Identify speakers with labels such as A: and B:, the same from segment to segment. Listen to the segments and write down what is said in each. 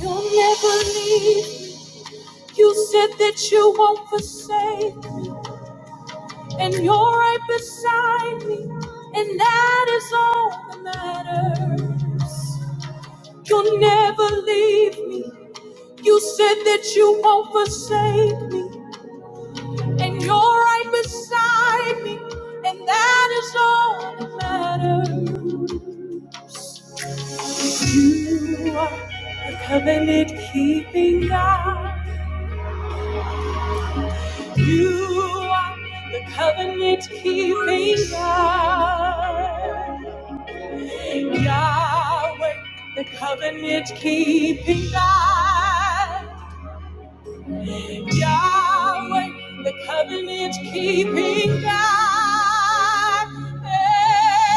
A: You'll never leave. You said that you won't forsake, and you're right beside me, and that is all that matters. You'll never leave me. You said that you won't forsake me, and you're right beside me, and that is all that matters. You are the covenant keeping God. You are the covenant keeping God. Yahweh, the covenant keeping God. Yahweh, the covenant keeping God. Hey,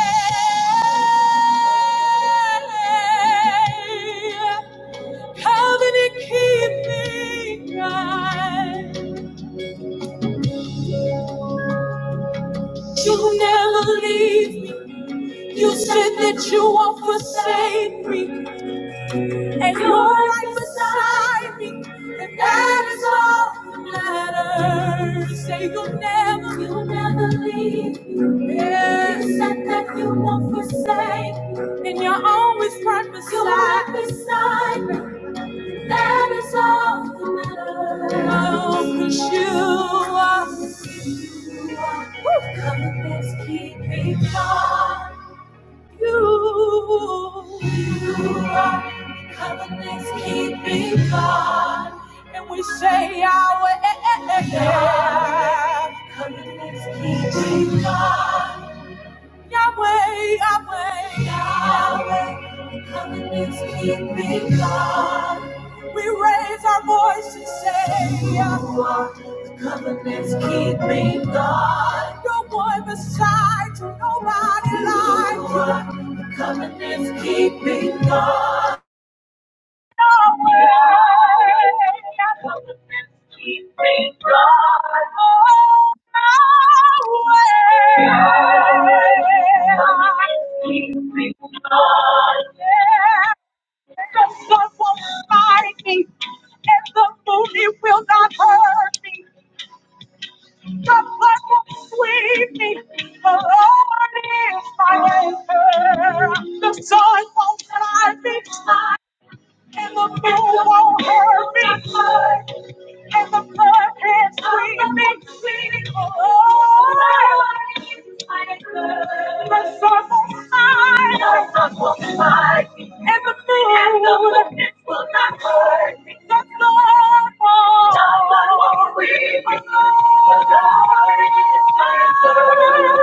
A: Covenant keeping God. You'll never leave You said that you won't forsake me, and you're right beside me, and that is all that matters. Say you'll never, you'll never leave me. Yeah. You said that you won't forsake me, and you're always right beside, you're right beside me. And That is all that matters. Oh, 'cause you are. you are, Woo. Covenant's keeping God. You, you are covenant's keeping God, and we say our yeah. Covenant's keeping God. Yahweh, Yahweh, Yahweh, we come keeping God. We raise our voice and say, You are the covenant's keeping God. No one beside you, nobody like you. You are the covenant's keeping God. The sun won't fly me. And the pool won't hurt me. And the blood can't scream me. Oh, the sun will shine. The sun will shine. And the moon will not hurt me. The blood won't. The blood won't reach me. The blood is my blood.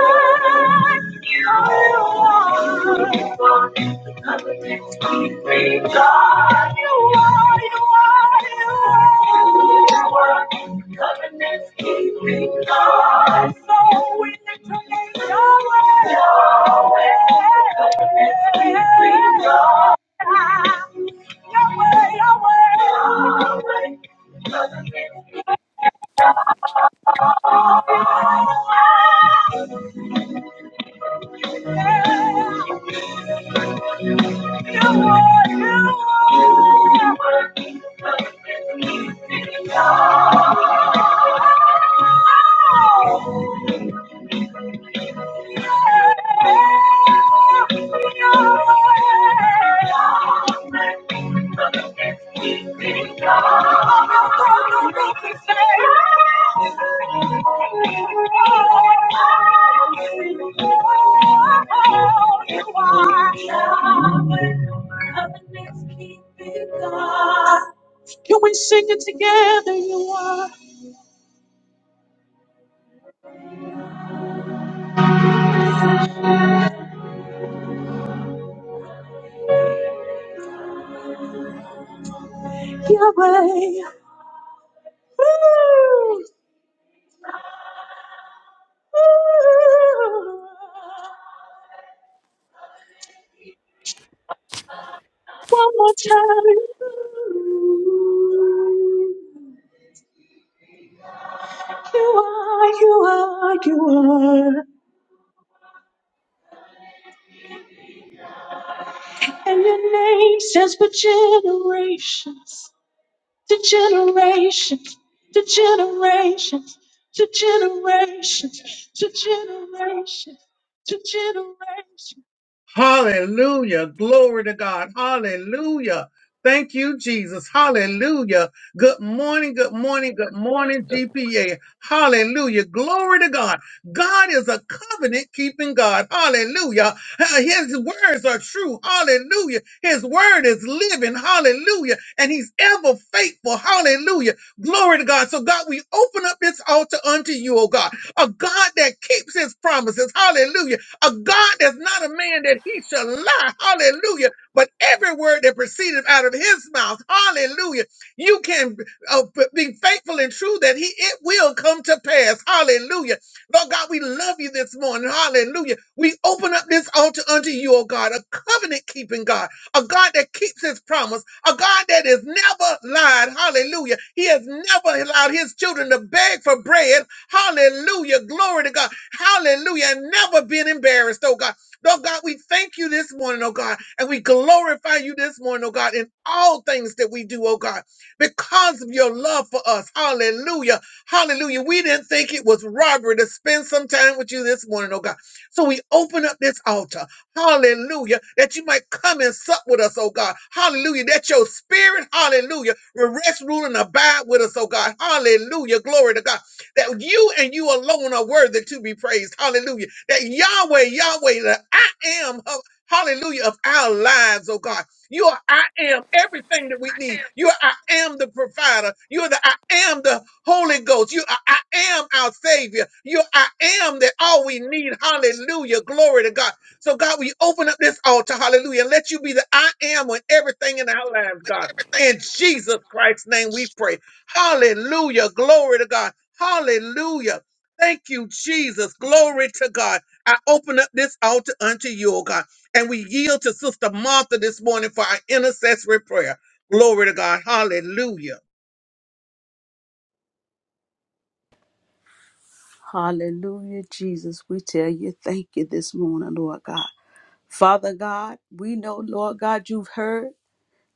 A: Yahweh, Yahweh, Yahweh, Oh! Can we sing it together? You are Yahweh. Woo! Ooh, one more time. Ooh. You are, you are, you are. And your name stands for generations, to generations, to generations, to generations, to generations, to generations. Hallelujah. Glory to God. Hallelujah. Thank you, Jesus. Hallelujah. Good morning. Good morning. Good morning,
B: Like
A: GPA. Hallelujah. Glory to God. God is a covenant keeping God. Hallelujah. Uh, His words are true. Hallelujah. His word is living. Hallelujah. And he's ever faithful. Hallelujah. Glory to God. So God, we open up this altar unto you, oh God, a God that keeps his promises. Hallelujah a God that's not a man that he shall lie. Hallelujah. But every word that proceeded out of his mouth, hallelujah, you can uh, b- be faithful and true that he it will come to pass. Hallelujah. Lord God, we love you this morning. Hallelujah. We open up this altar unto you, oh God, a covenant keeping God, a God that keeps his promise, a God that has never lied. Hallelujah. He has never allowed his children to beg for bread. Hallelujah. Glory to God. Hallelujah. And never been embarrassed, oh God. Oh God, we thank you this morning, oh God, and we glorify you this morning, oh God, in all things that we do, oh God, because of your love for us. Hallelujah. Hallelujah. We didn't think it was robbery to spend some time with you this morning, oh God. So we open up this altar. Hallelujah. That you might come and sup with us, oh God. Hallelujah. That your spirit, hallelujah, will rest, rule, and abide with us, oh God. Hallelujah. Glory to God that you and you alone are worthy to be praised. Hallelujah. That Yahweh, Yahweh, that I am, of- hallelujah, of our lives, oh God. You are I am everything that we need. You are I am the provider. You are the I am the Holy Ghost. You are I am our Savior. You are I am that all we need. Hallelujah. Glory to God. So God, we open up this altar, hallelujah, and let you be the I am on everything in our lives, God.
B: everything
A: In Jesus
B: in
A: Christ's name we pray. Hallelujah. Glory to God. Hallelujah. Thank you, Jesus. Glory to God. I open up this altar unto you, oh God, and we yield to Sister Martha this morning for our intercessory prayer. Glory to God. Hallelujah.
C: Hallelujah, Jesus. We tell you, thank you this morning, Lord God. Father God, we know, Lord God, you've heard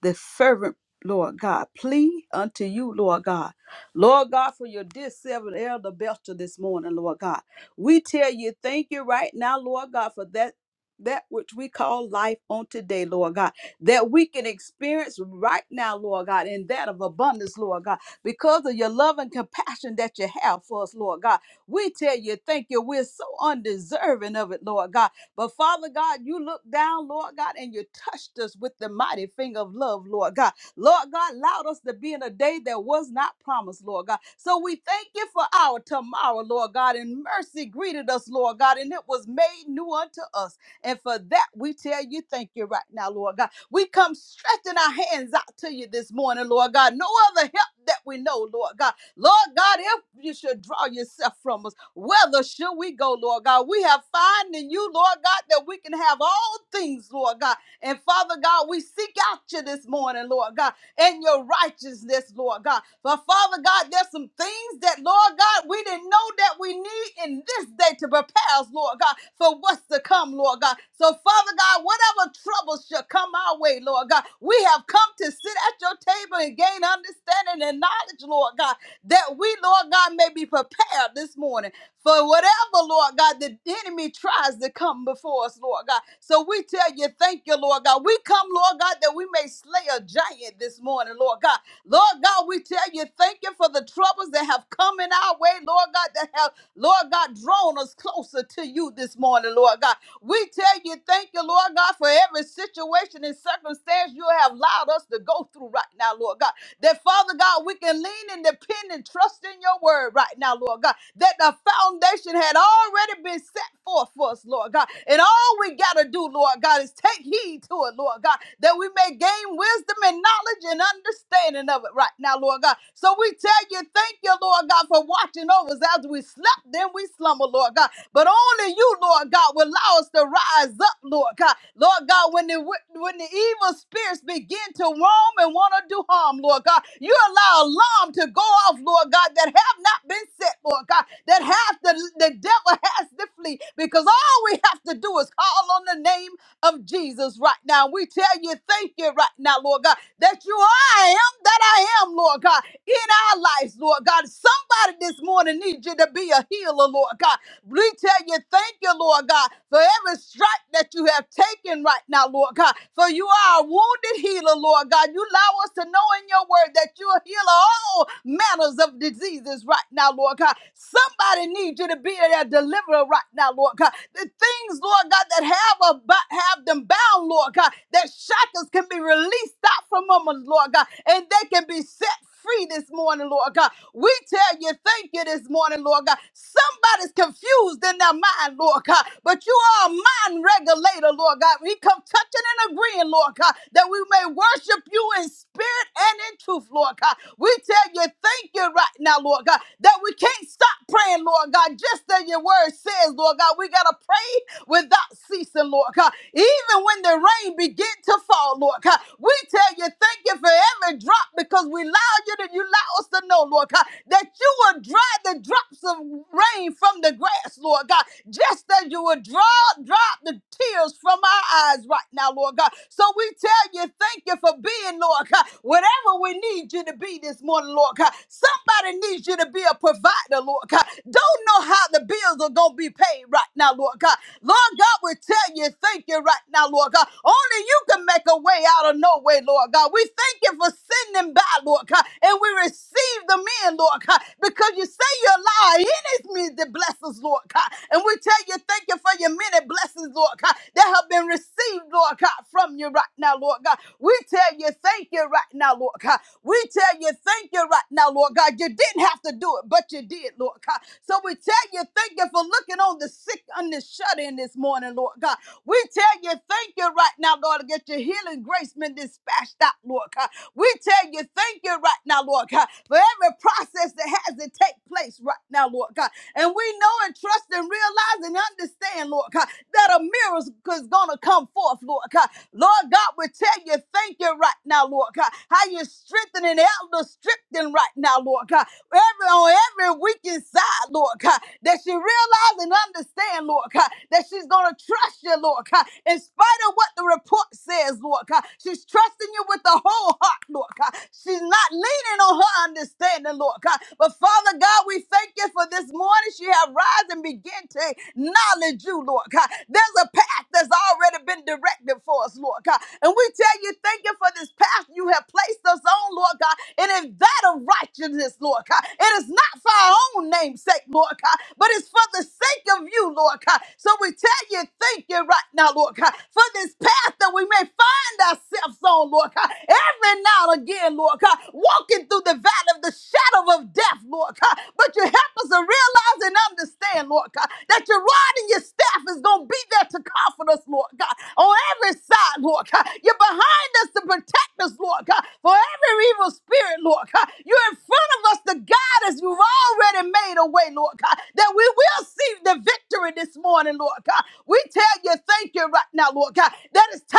C: the fervent, Lord God, plea unto you, Lord God. Lord God, for your dear servant, Elder Belcher, this morning, Lord God. We tell you, thank you right now, Lord God, for that. That which we call life on today, Lord God, that we can experience right now, Lord God, and that of abundance, Lord God, because of your love and compassion that you have for us, Lord God. We tell you, thank you. We're so undeserving of it, Lord God. But Father God, you looked down, Lord God, and you touched us with the mighty finger of love, Lord God. Lord God, allowed us to be in a day that was not promised, Lord God. So we thank you for our tomorrow, Lord God, and mercy greeted us, Lord God, and it was made new unto us. And for that, we tell you thank you right now, Lord God. We come stretching our hands out to you this morning, Lord God. No other help that we know, Lord God. Lord God, if you should draw yourself from us, whether should we go, Lord God? We have found in you, Lord God, that we can have all things, Lord God. And Father God, we seek out you this morning, Lord God, and your righteousness, Lord God. But Father God, there's some things that, Lord God, we didn't know that we need in this day to prepare us, Lord God, for what's to come, Lord God. So, Father God, whatever troubles shall come our way, Lord God, we have come to sit at your table and gain understanding and knowledge, Lord God that we, Lord God, may be prepared this morning for whatever, Lord God, the enemy tries to come before us, Lord God. So we tell you, thank you, Lord God. We come, Lord God, that we may slay a giant this morning, Lord God. Lord God, we tell you, thank you for the troubles that have come in our way, Lord God, that have, Lord God, drawn us closer to you this morning, Lord God. We tell you, thank you, Lord God, for every situation and circumstance you have allowed us to go through right now, Lord God. That Father God, we can lean and depend and trust in your word right now, Lord God. That the foundation had already been set forth for us, Lord God. And all we got to do, Lord God, is take heed to it, Lord God, that we may gain wisdom and knowledge and understanding of it right now, Lord God. So we tell you, thank you, Lord God, for watching passing over is after we slept, then we slumber, Lord God. But only you, Lord God, will allow us to rise up, Lord God. Lord God, when the when the evil spirits begin to roam and want to do harm, Lord God, you allow alarm to go off, Lord God, that have not been set, Lord God, that have the, the devil has to flee. Because all we have to do is call on the name of Jesus right now. We tell you, thank you right now, Lord God, that you are I am that I am, Lord God, in our lives, Lord God. Somebody this morning needs you to be a healer, Lord God. We tell you, thank you, Lord God, for every stripe that you have taken right now, Lord God. For you are a wounded healer, Lord God. You allow us to know in your word that you are healer all manners of diseases right now, Lord God. Somebody needs you to be their deliverer right now, Lord God. The things, Lord God, that Lord, have, a, have them bound, Lord God, that shackles can be released out from them, Lord God, and they can be set free this morning, Lord God. We tell you, thank you this morning, Lord God. Somebody's confused in their mind, Lord God, but you are a mind regulator, Lord God. We come touching and agreeing, Lord God, that we may worship you in spirit and in truth, Lord God. We tell you, thank you right now, Lord God, that we can't stop praying, Lord God, just as your word says, Lord God. We got to pray without ceasing, Lord God. Even when the rain begin to fall, Lord God, we tell you thank you for every drop because we allow you to you allow us to know, Lord God, that you will dry the drops of rain from the grass, Lord God, just as you will draw drop the tears from our eyes right now, Lord God. So we tell you thank you for being, Lord God, whatever we need you to be this morning, Lord God. Somebody needs you need you to be a provider, Lord God. Don't know how the bills are going to be paid right now, Lord God. Lord God, we tell you, thank you right now, Lord God. Only you can make a way out of no way, Lord God. We thank you for sending by, Lord God, and we receive them in, Lord God, because you say you allow enemies to bless us, Lord God. And we tell you, thank you for your many blessings, Lord God, that have been received, Lord God, from you right now, Lord God. We tell you thank you right now, Lord God. We tell you thank you right now, Lord God. You didn't have to do it, but you did, Lord God. So we tell you thank you for looking on the sick and the shut in this morning, Lord God. We tell you thank you right now, Lord, to get your healing grace been dispatched out, Lord God. We tell you thank you right now, Lord God, for every process that has to take place right now, Lord God. And we know and trust and realize and understand understand, Lord God, that a miracle is going to come forth, Lord God. Lord God, we tell you, thank you right now, Lord God. How you are strengthening elder strengthening right now, Lord God. Every on every weekend side, Lord God, that she realize and understand, Lord God, that she's gonna trust you, Lord God, in spite of what the report says, Lord God. She's trusting you with the whole heart, Lord God. She's not leaning on her understanding, understanding, Lord God. But Father God, we thank you for this morning. She have rise and begin to acknowledge you, Lord God. There's a path that's already been directed for us, Lord God. And we tell you, thank you for this path you have placed us on, Lord God. And It is that of righteousness, Lord God. It is not for our own name's sake, Lord God, but it's for the sake of you, Lord God. So we tell you, thank you right now, Lord God, for this path that we may follow find ourselves on, Lord God. Every now and again, Lord God, walking through the valley of the shadow of death, Lord God. But you help us to realize and understand, Lord God, that your rod and your staff is going to be there to comfort us, Lord God. On every side, Lord God, you're behind us to protect us, Lord God, for every evil spirit, Lord God. You're in front of us to guide us. You've already made a way, Lord God, that we will see the victory this morning, Lord God. We tell you, thank you right now, Lord God, that it's time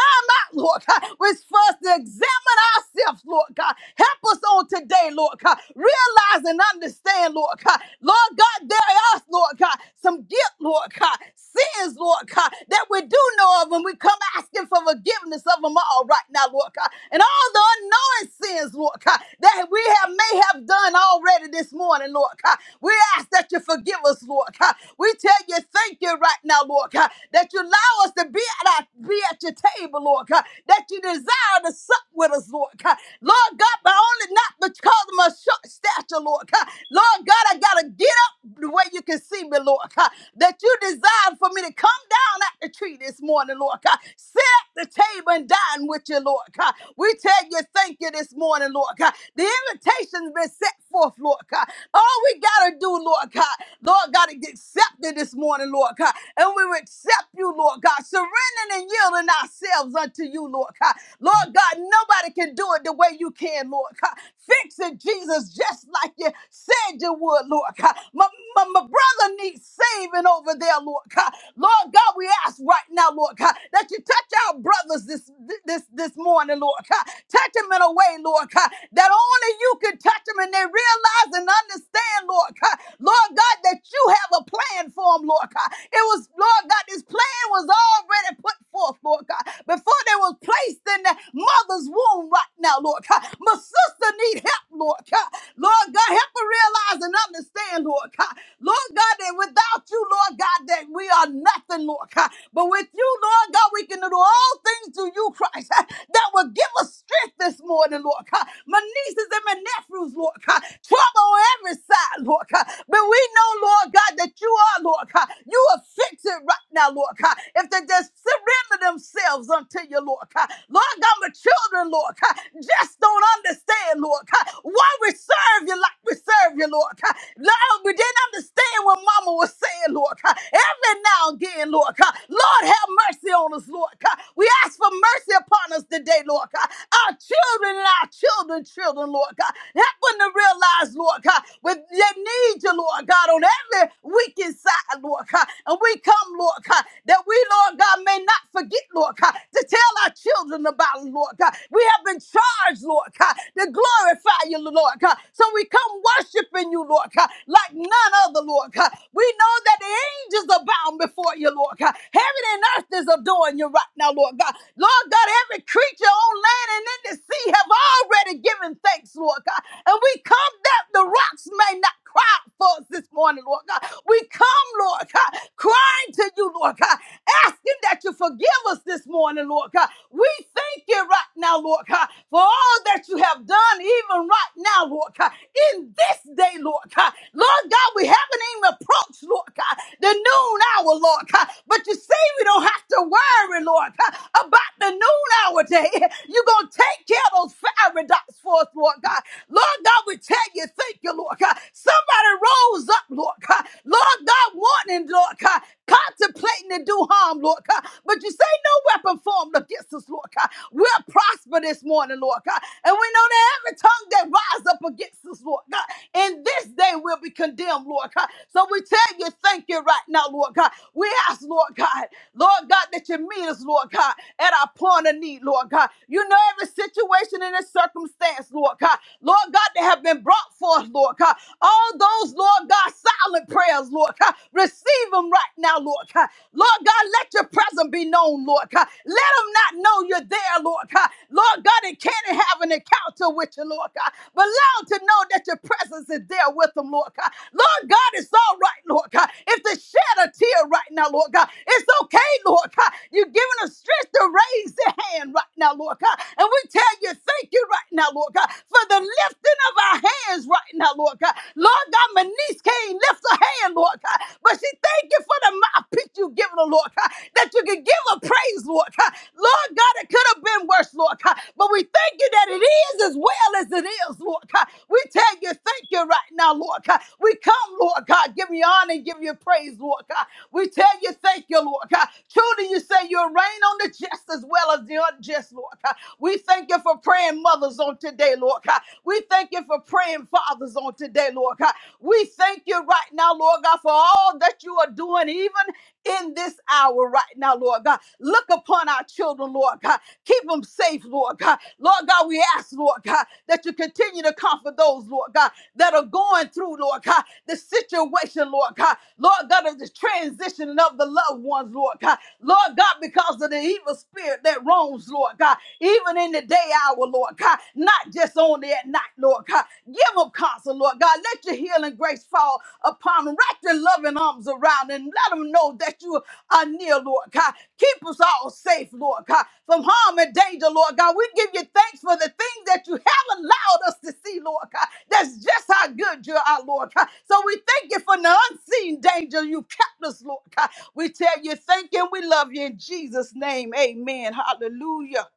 C: not, Lord God. We're supposed to examine ourselves, Lord God. Help us on today, Lord God. Realize and understand, Lord God. Lord God, there are, Lord God, some guilt, Lord God, sins, Lord God, that we do know of, and we come asking for forgiveness of them all right now, Lord God. And all the unknowing sins, Lord God, that we have may have done already this morning, Lord God. We ask that you forgive us, Lord God. We tell you thank you right now, Lord God, that you allow us to be at our, be at your table table, Lord God, that you desire to sup with us, Lord God. Lord God, but only not because of my short stature, Lord God. Lord God, I got to get up the way you can see me, Lord God, that you desire for me to come down at the tree this morning, Lord God. Sit at the table and dine with you, Lord God. We tell you thank you this morning, Lord God. The invitation's been set forth, Lord God. All we got to do, Lord God, Lord God, to get accepted this morning, Lord God. And we will accept you, Lord God, surrendering and yielding ourselves unto you, Lord God. Lord God, nobody can do it the way you can, Lord God. Fix it, Jesus, just like you said you would, Lord God. My, my, my brother needs saving over there, Lord God. Lord God, we ask right now, Lord God, that you touch our brothers this this this morning, Lord God. Touch them in a way way, Lord God, that only you can touch them and they realize and understand, Lord God, Lord God, that you have a plan for them, Lord God. It was, Lord God, this plan was already put forth, Lord God, before they was placed in the mother's womb right now, Lord God. My sister need help, Lord God. Lord God, help her realize and understand, Lord God. Lord God, that without you, Lord God, that we are nothing, Lord God. But with you, Lord God, we can do all things through you you, Christ, uh, that will give us strength this morning, Lord God. My nieces and my nephews, Lord God, trouble on every side, Lord God. But we know, Lord God, that you are, Lord God. You will fix it right now, Lord God. If they just surrender themselves unto you, Lord God. Lord God, my children, Lord God, just don't understand, Lord God, why we serve you like we serve you, Lord God. Lord, we didn't understand what mama was saying, Lord God. Every now and again, Lord God. Lord, Lord, have mercy on us, Lord God. We ask for mercy upon us today, Lord God. Our children and our children's children, Lord God. Help them to realize, Lord God, when they need you, Lord God, on every wicked side, Lord God. And we come, Lord God, that we, Lord God, may not forget, Lord God, to tell our children about it, Lord God. We have been charged, Lord God, to glorify you, Lord God. So we come worshiping you, Lord God, like none other, Lord God. We know that that the angels abound before you, Lord God. Heaven and earth is adoring you right now, Lord God. Lord God, every creature on land and in the sea have already given thanks, Lord God. And we come that the rocks may not cry for us this morning, Lord God. We come, Lord God, crying to you, Lord God, asking that you forgive us this morning, Lord God. We thank you right now, Lord God, for all that you have done, even right now, Lord God, in this day, Lord God. God. Lord God, we haven't even approached, Lord God, the noon hour, Lord God. But you see, we don't have to worry, Lord God, about the noon hour day. You're going to take care of those fiery dots for us, Lord God. Lord God, we tell you, thank you, Lord God. Somebody rose up, Lord God. Lord God, wanting, Lord God, contemplating to do harm, Lord God. But you say no weapon formed against us, Lord God. We'll prosper this morning, Lord God. And we know that every tongue that rise up against us, Lord God. In this day we will be condemned, Lord God. So we tell you, thank you right now, Lord God. We ask, Lord God, Lord God, that you meet us, Lord God, at our point of need, Lord God. You know every situation and every circumstance, Lord God. Lord God, that have been brought forth, Lord God. All those, Lord God, silent prayers, Lord God. Receive them right now, Lord God. Lord God, let your presence be known, Lord God. Let them not know you're there, Lord God. Lord God, it can't and have an encounter with you, Lord God. But allow them to know that your presence is there with them, Lord God. Lord God, it's all right, Lord God. If they shed a tear right now, Lord God, it's okay, Lord God. You're giving them strength to raise their hand right now, Lord God. And we tell you, thank you right now, Lord God, for the lifting of our hands right now, Lord God. Lord God, my niece can't lift her hand, Lord God, but she thank you for the mouthpiece you given her, Lord God, that you can give her praise, Lord God. God. Lord God, it could have been worse, Lord God. But we thank you that it is as well as it is, Lord God. We tell you, thank you right now, Lord God. We come, Lord God, give you honor and give you praise, Lord God. We tell you, thank you, Lord God. Truly, you say you'll reign on the just as well as the unjust, Lord God. We thank you for praying mothers on today, Lord God. We thank you for praying fathers on today, Lord God. We thank you right now, Lord God, for all that you are doing, even in this hour right now, Lord God. Look upon our children, Lord God. Keep them safe, Lord God. Lord God, we ask, Lord God, that you continue to comfort those, Lord God, that are going through, Lord God, the situation, Lord God. Lord God, of the transitioning of the loved ones, Lord God. Lord God, because of the evil spirit that roams, Lord God, even in the day hour, Lord God, not just only at night, Lord God. Give them counsel, Lord God. Let your healing grace fall upon them. Wrap your loving arms around them. Let them know that you are near, Lord God. Keep us all safe, Lord God, from harm and danger, Lord God. We give you thanks for the things that you have allowed us to see, Lord God. That's just how good you are, Lord God. So we thank you for the unseen danger you kept us, Lord God. We tell you thank you and we love you in Jesus' name. Amen. Hallelujah.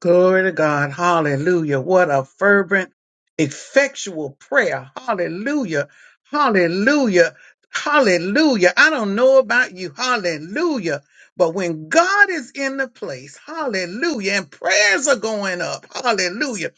A: Glory to God. Hallelujah. What a fervent, effectual prayer. Hallelujah. Hallelujah. Hallelujah. I don't know about you. Hallelujah. But when God is in the place, hallelujah, and prayers are going up, hallelujah.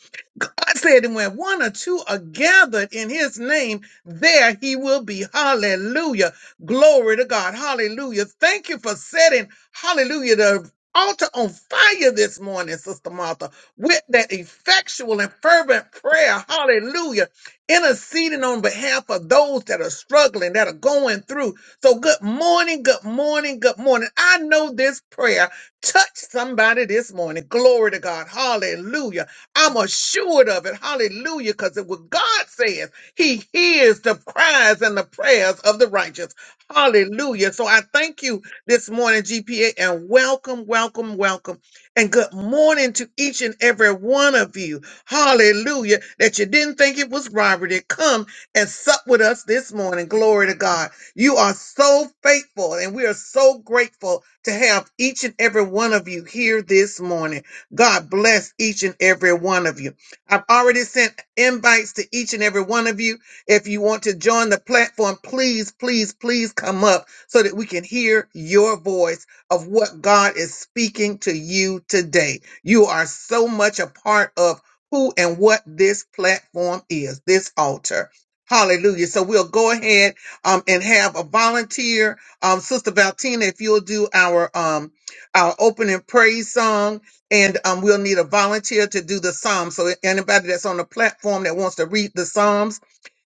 A: God said, and when one or two are gathered in his name, there he will be. Hallelujah. Glory to God. Hallelujah. Thank you for setting, hallelujah, the altar on fire this morning, Sister Martha, with that effectual and fervent prayer. Hallelujah. Interceding on behalf of those that are struggling, that are going through. So, good morning, good morning, good morning. I know this prayer touched somebody this morning. Glory to God. Hallelujah. I'm assured of it. Hallelujah. Because what God says, He hears the cries and the prayers of the righteous. Hallelujah. So I thank you this morning, GPA, and welcome, welcome, welcome. And good morning to each and every one of you. Hallelujah. That you didn't think it was robbery to come and sup with us this morning. Glory to God. You are so faithful, and we are so grateful to have each and every one of you here this morning. God bless each and every one of you. I've already sent invites to each and every one of you. If you want to join the platform, please, please, please come up so that we can hear your voice of what God is speaking to you today. You are so much a part of who and what this platform is, this altar. Hallelujah. So we'll go ahead um, and have a volunteer. Um, Sister Valtina, if you'll do our um, our opening praise song, and um, we'll need a volunteer to do the psalms. So anybody that's on the platform that wants to read the psalms,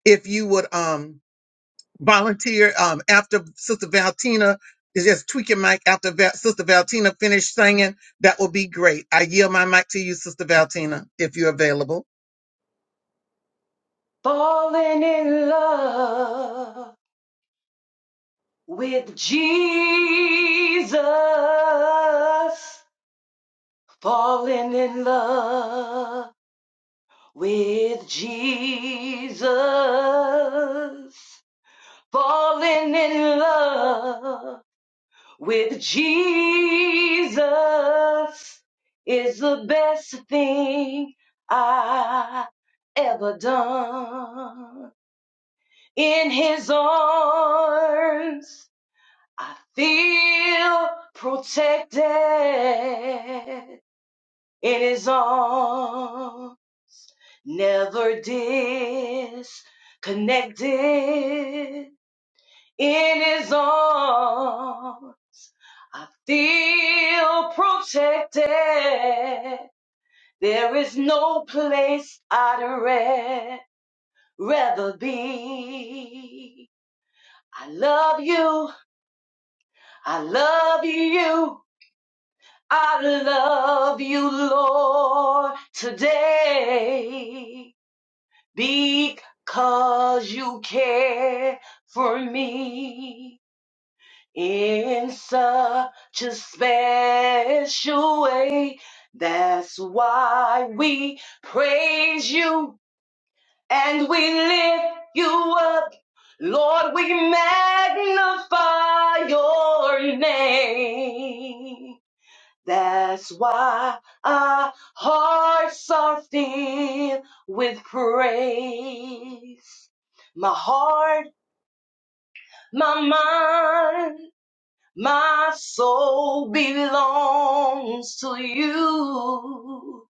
A: if you would um, volunteer um, after Sister Valentina is just tweaking mic after Va- Sister Valentina finished singing, that will be great. I yield my mic to you, Sister Valentina, if you're available.
D: Falling in love with Jesus. Falling in love with Jesus. Falling in love with Jesus is the best thing I ever done. In his arms I feel protected in his arms, never disconnected in his arms. I feel protected. There is no place I'd ra- rather be. I love you. I love you. I love you, Lord, today because you care for me in such a special way. That's why we praise you and we lift you up. Lord, we magnify your name. That's why our hearts are filled with praise. My heart, my mind, my soul belongs to you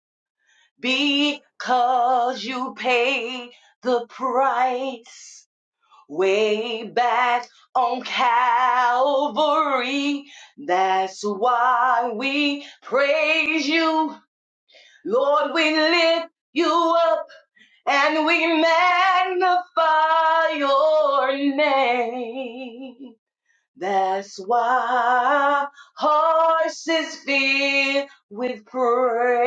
D: because you paid the price way back on Calvary. That's why we praise you Lord, we lift you up and we magnify your name. That's why hearts is filled with praise.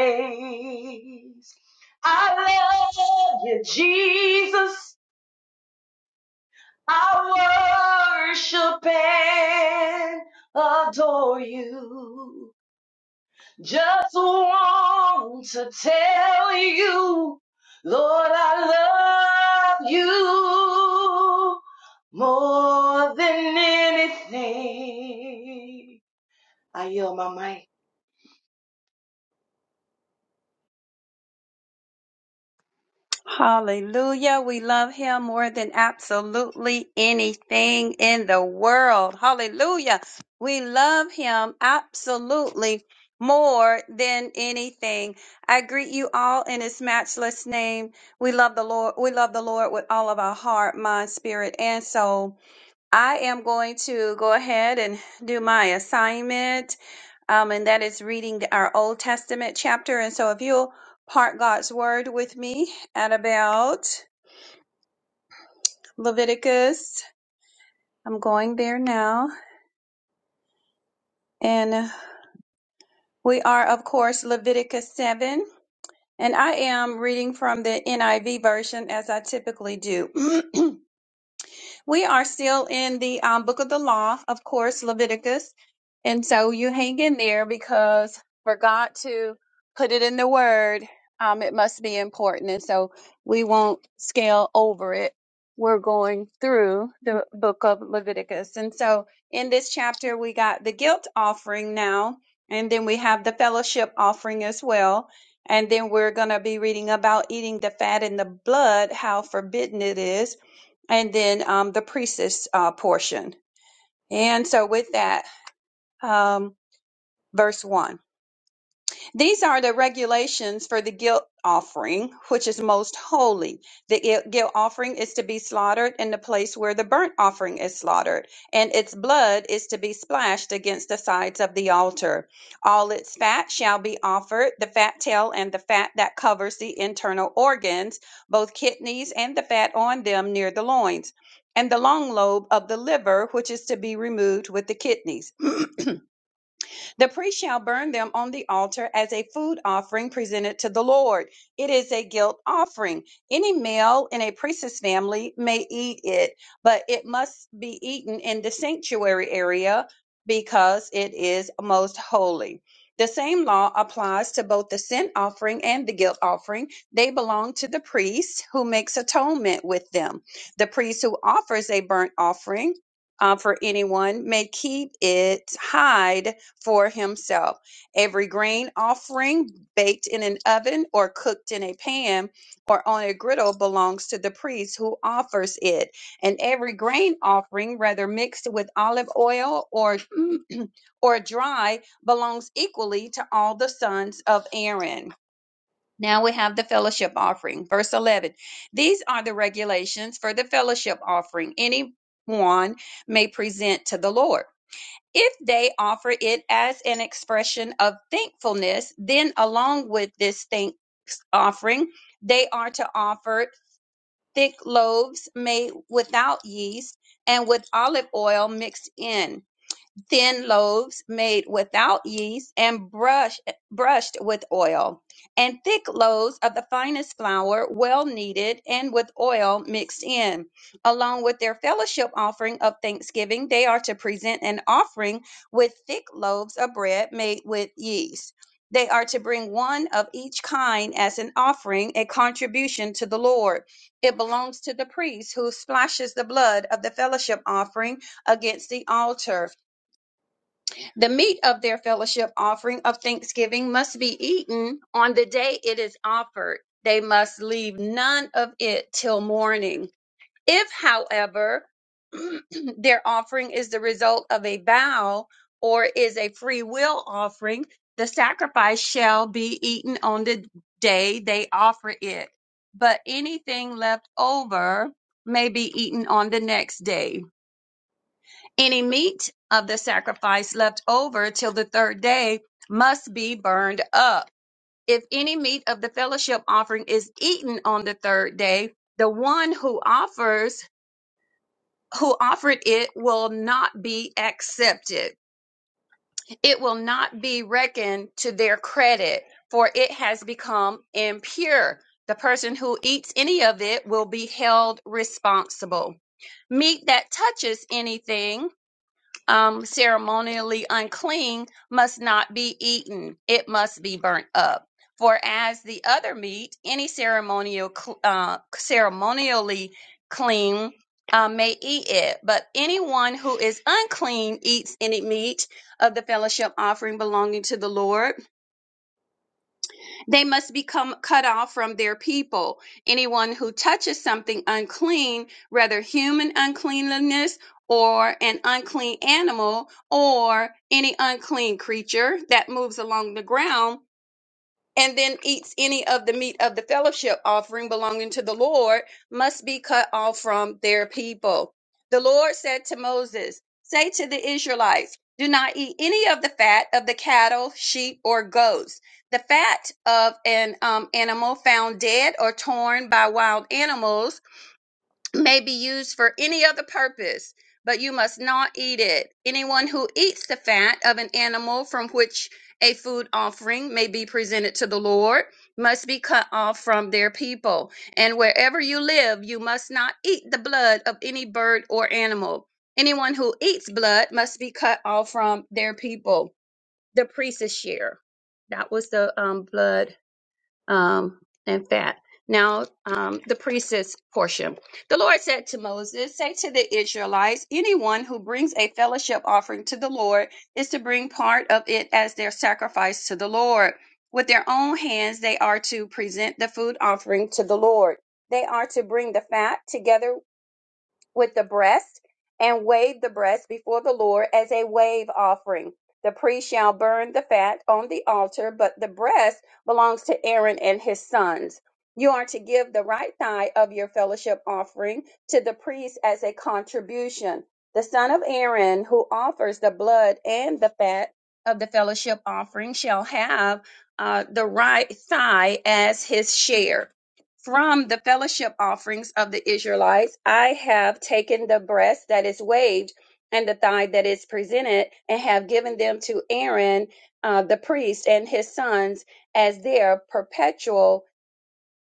D: I love you, Jesus. I worship and adore you. Just want to tell you, Lord, I love you more than anything. I yield my mic.
E: Hallelujah. We love him more than absolutely anything in the world. Hallelujah. We love him absolutely more than anything. I greet you all in his matchless name. We love the Lord. We love the Lord with all of our heart, mind, spirit, and soul. I am going to go ahead and do my assignment um, and that is reading our Old Testament chapter. And so if you'll part God's word with me at about Leviticus, I'm going there now. And we are, of course, Leviticus 7. And I am reading from the NIV version as I typically do. We are still in the um, book of the law, of course, Leviticus. And so you hang in there because for God to put it in the word, um, it must be important. And so we won't scale over it. We're going through the book of Leviticus. And so in this chapter, we got the guilt offering now, and then we have the fellowship offering as well. And then we're going to be reading about eating the fat and the blood, how forbidden it is and then um, the priestess uh, portion. And so, with that, um, verse 1. These are the regulations for the guilt offering, which is most holy. The gui- guilt offering is to be slaughtered in the place where the burnt offering is slaughtered, and its blood is to be splashed against the sides of the altar. All its fat shall be offered the fat tail and the fat that covers the internal organs, both kidneys and the fat on them near the loins, and the long lobe of the liver, which is to be removed with the kidneys. The priest shall burn them on the altar as a food offering presented to the Lord. It is a guilt offering. Any male in a priest's family may eat it, but it must be eaten in the sanctuary area because it is most holy. The same law applies to both the sin offering and the guilt offering. They belong to the priest who makes atonement with them. The priest who offers a burnt offering uh, for anyone may keep it, hide for himself. Every grain offering baked in an oven or cooked in a pan or on a griddle belongs to the priest who offers it. And every grain offering, whether mixed with olive oil or or dry, belongs equally to all the sons of Aaron. Now we have the fellowship offering. Verse 11. These are the regulations for the fellowship offering. Anyone may present to the Lord. If they offer it as an expression of thankfulness, then along with this thanks offering, they are to offer thick loaves made without yeast and with olive oil mixed in thin loaves made without yeast and brush, brushed with oil, and thick loaves of the finest flour, well kneaded and with oil mixed in. Along with their fellowship offering of thanksgiving, they are to present an offering with thick loaves of bread made with yeast. They are to bring one of each kind as an offering, a contribution to the Lord. It belongs to the priest who splashes the blood of the fellowship offering against the altar. The meat of their fellowship offering of thanksgiving must be eaten on the day it is offered. They must leave none of it till morning. If, however, their offering is the result of a vow or is a free will offering, the sacrifice shall be eaten on the day they offer it. But anything left over may be eaten on the next day any meat of the sacrifice left over till the third day must be burned up. If any meat of the fellowship offering is eaten on the third day, the one who offers who offered it will not be accepted. It will not be reckoned to their credit, for it has become impure. The person who eats any of it will be held responsible. Meat that touches anything um, ceremonially unclean must not be eaten, it must be burnt up. For as the other meat, any ceremonial cl- uh, ceremonially clean uh, may eat it, but anyone who is unclean eats any meat of the fellowship offering belonging to the Lord they must become cut off from their people. Anyone who touches something unclean, whether human uncleanliness or an unclean animal or any unclean creature that moves along the ground, and then eats any of the meat of the fellowship offering belonging to the Lord must be cut off from their people. The Lord said to Moses, Say to the Israelites, do not eat any of the fat of the cattle, sheep, or goats. The fat of an um, animal found dead or torn by wild animals may be used for any other purpose, but you must not eat it. Anyone who eats the fat of an animal from which a food offering may be presented to the Lord must be cut off from their people. And wherever you live, you must not eat the blood of any bird or animal. Anyone who eats blood must be cut off from their people. The priest's share. That was the um, blood um, and fat. Now, um, the priestess portion. The Lord said to Moses, Say to the Israelites, anyone who brings a fellowship offering to the Lord is to bring part of it as their sacrifice to the Lord. With their own hands, they are to present the food offering to the Lord. They are to bring the fat together with the breast and wave the breast before the Lord as a wave offering. The priest shall burn the fat on the altar, but the breast belongs to Aaron and his sons. You are to give the right thigh of your fellowship offering to the priest as a contribution. The son of Aaron who offers the blood and the fat of the fellowship offering shall have uh, the right thigh as his share. From the fellowship offerings of the Israelites, I have taken the breast that is waved and the thigh that is presented, and have given them to Aaron uh, the priest and his sons as their perpetual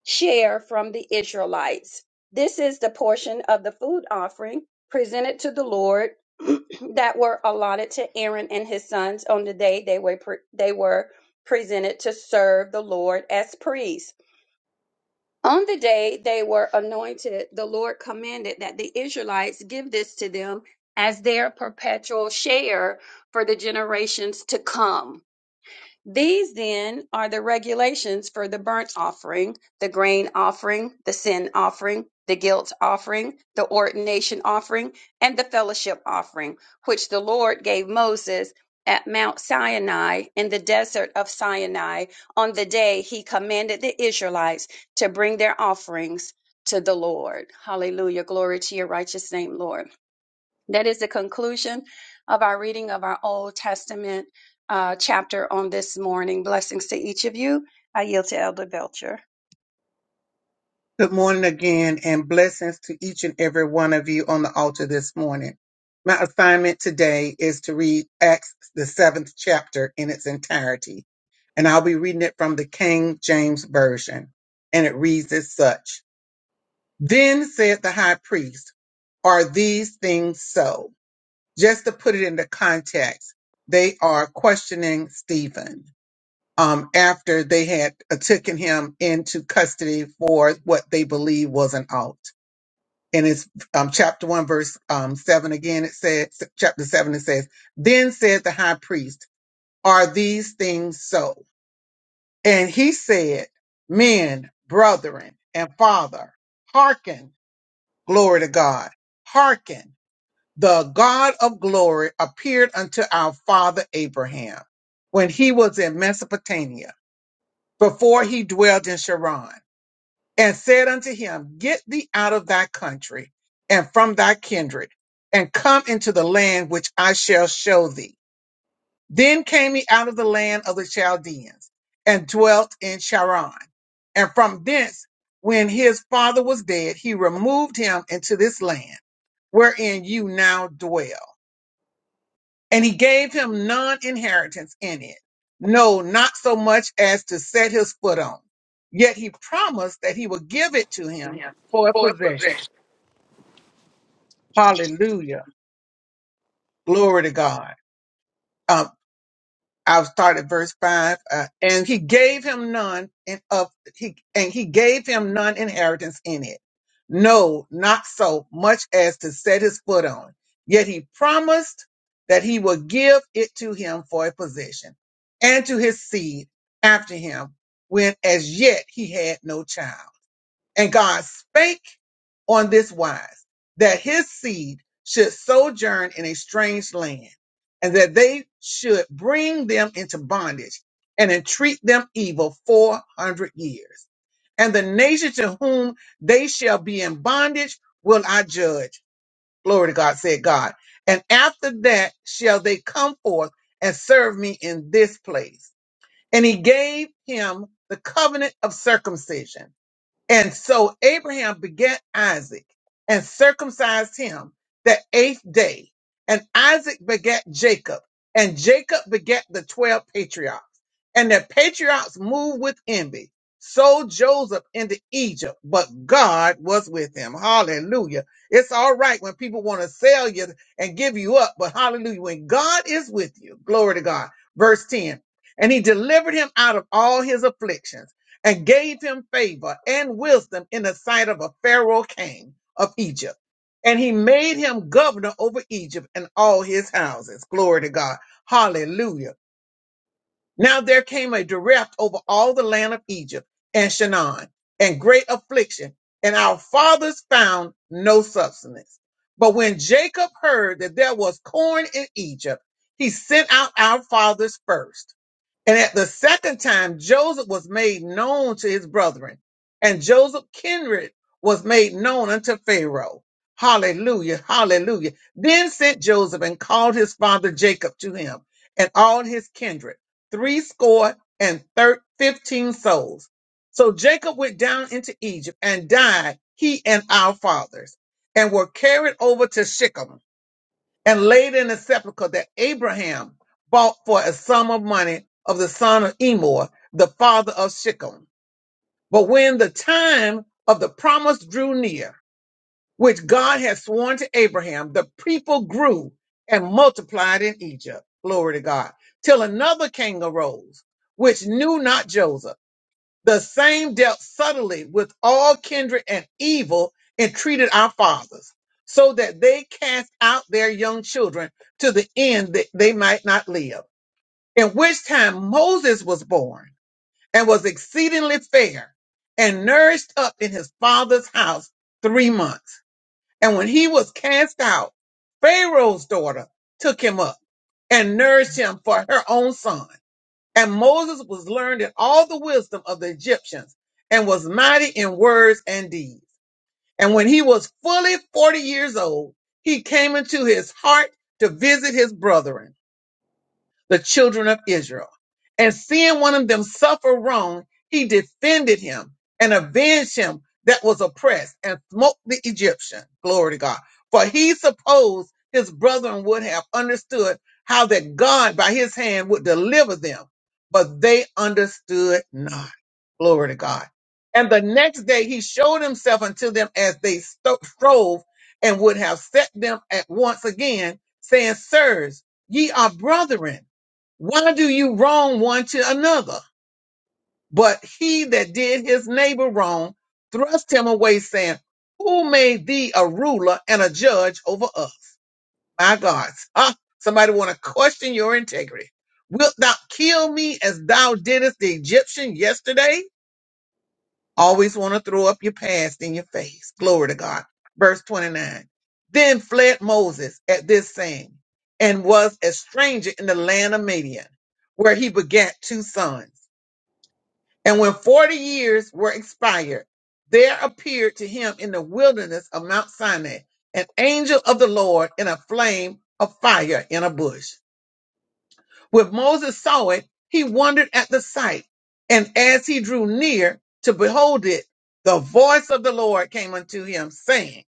E: share from the Israelites. This is the portion of the food offering presented to the Lord that were allotted to Aaron and his sons on the day they were pre- they were presented to serve the Lord as priests. On the day they were anointed, the Lord commanded that the Israelites give this to them as their perpetual share for the generations to come. These then are the regulations for the burnt offering, the grain offering, the sin offering, the guilt offering, the ordination offering, and the fellowship offering, which the Lord gave Moses at Mount Sinai in the desert of Sinai on the day he commanded the Israelites to bring their offerings to the Lord. Hallelujah. Glory to your righteous name, Lord. That is the conclusion of our reading of our Old Testament uh, chapter on this morning. Blessings to each of you. I yield to Elder Belcher.
A: Good morning again, and blessings to each and every one of you on the altar this morning. My assignment today is to read Acts, the seventh chapter, in its entirety, and I'll be reading it from the King James Version. And it reads as such Then said the high priest, Are these things so? Just to put it into context, they are questioning Stephen um, after they had uh, taken him into custody for what they believe was an alt and it's um, chapter 1 verse um, 7 again it says chapter 7 it says then said the high priest are these things so and he said men brethren and father hearken glory to god hearken the god of glory appeared unto our father abraham when he was in mesopotamia before he dwelt in Sharon and said unto him, Get thee out of thy country and from thy kindred, and come into the land which I shall show thee. Then came he out of the land of the Chaldeans and dwelt in Charan. And from thence, when his father was dead, he removed him into this land wherein you now dwell and he gave him none inheritance in it, no, not so much as to set his foot on. Yet he promised that he would give it to
B: the house.
A: him
B: Yeah.
A: for a
B: Boy, put it
A: possession.
B: there.
A: Hallelujah. Glory to God. Um, I'll start at verse five. Uh, and he gave him none in of he and he gave him none inheritance in it. No, not so much as to set his foot on. Yet he promised that he would give it to him for a possession, and to his seed after him, when as yet he had no child. And God spake on this wise that his seed should sojourn in a strange land, and that they should bring them into bondage and entreat them evil 400 years. And the nation to whom they shall be in bondage will I judge. Glory to God, said God. And after that shall they come forth and serve me in this place. And he gave him the covenant of circumcision and so Abraham begat Isaac and circumcised him the eighth day. And Isaac begat Jacob, and Jacob begat the twelve patriarchs. And the patriarchs moved with envy, sold Joseph into Egypt, but God was with him. Hallelujah. It's all right when people want to sell you and give you up, but hallelujah, when God is with you, glory to God. Verse 10. And he delivered him out of all his afflictions and gave him favor and wisdom in the sight of a Pharaoh king of Egypt. And he made him governor over Egypt and all his houses. Glory to God. Hallelujah. Now there came a direct over all the land of Egypt and Shanaan and great affliction, and our fathers found no substance. But when Jacob heard that there was corn in Egypt, he sent out our fathers first and at the second time, Joseph was made known to his brethren, and Joseph's kindred was made known unto Pharaoh. Hallelujah, hallelujah. Then sent Joseph and called his father Jacob to him, and all his kindred, threescore and thir- fifteen souls. So Jacob went down into Egypt and died, he and our fathers, and were carried over to Shechem and laid in a sepulchre that Abraham bought for a sum of money of the son of Emor, the father of Shechem. But when the time of the promise drew near, which God had sworn to Abraham, the people grew and multiplied in Egypt. Glory to God. Till another king arose, which knew not Joseph. The same dealt subtly with all kindred and evil and treated our fathers, so that they cast out their young children to the end that they might not live. In which time Moses was born and was exceedingly fair and nourished up in his father's house three months. And when he was cast out, Pharaoh's daughter took him up and nourished him for her own son. And Moses was learned in all the wisdom of the Egyptians and was mighty in words and deeds. And when he was fully 40 years old, he came into his heart to visit his brethren the children of Israel. And seeing one of them suffer wrong, he defended him and avenged him that was oppressed and smote the Egyptian. Glory to God. For he supposed his brethren would have understood how that God by his hand would deliver them, but they understood not. Glory to God. And the next day he showed himself unto them as they sto- strove and would have set them at once again, saying, Sirs, ye are brethren why do you wrong one to another? But he that did his neighbor wrong thrust him away, saying, Who made thee a ruler and a judge over us? My God. Huh? Somebody want to question your integrity. Wilt thou kill me as thou didst the Egyptian yesterday? Always want to throw up your past in your face. Glory to God. Verse 29. Then fled Moses at this saying, and was a stranger in the land of Midian, where he begat two sons. And when forty years were expired, there appeared to him in the wilderness of Mount Sinai an angel of the Lord in a flame of fire in a bush. When Moses saw it, he wondered at the sight. And as he drew near to behold it, the voice of the Lord came unto him, saying,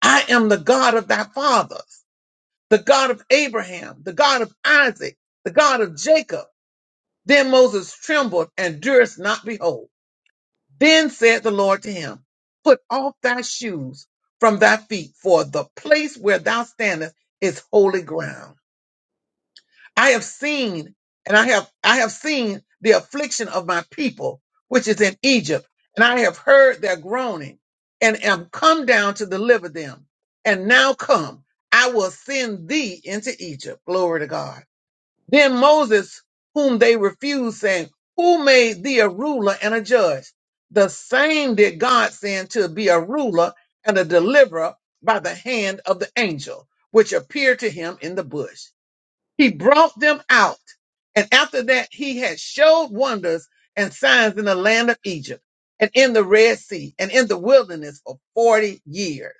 A: I am the God of thy fathers, the God of Abraham, the God of Isaac, the God of Jacob. Then Moses trembled and durst not behold. Then said the Lord to him, Put off thy shoes from thy feet, for the place where thou standest is holy ground. I have seen, and I have I have seen the affliction of my people, which is in Egypt, and I have heard their groaning, and am come down to deliver them. And now come, I will send thee into Egypt. Glory to God then Moses, whom they refused, saying, Who made thee a ruler and a judge? The same did God send to be a ruler and a deliverer by the hand of the angel, which appeared to him in the bush. He brought them out, and after that he had showed wonders and signs in the land of Egypt, and in the Red Sea, and in the wilderness for forty years.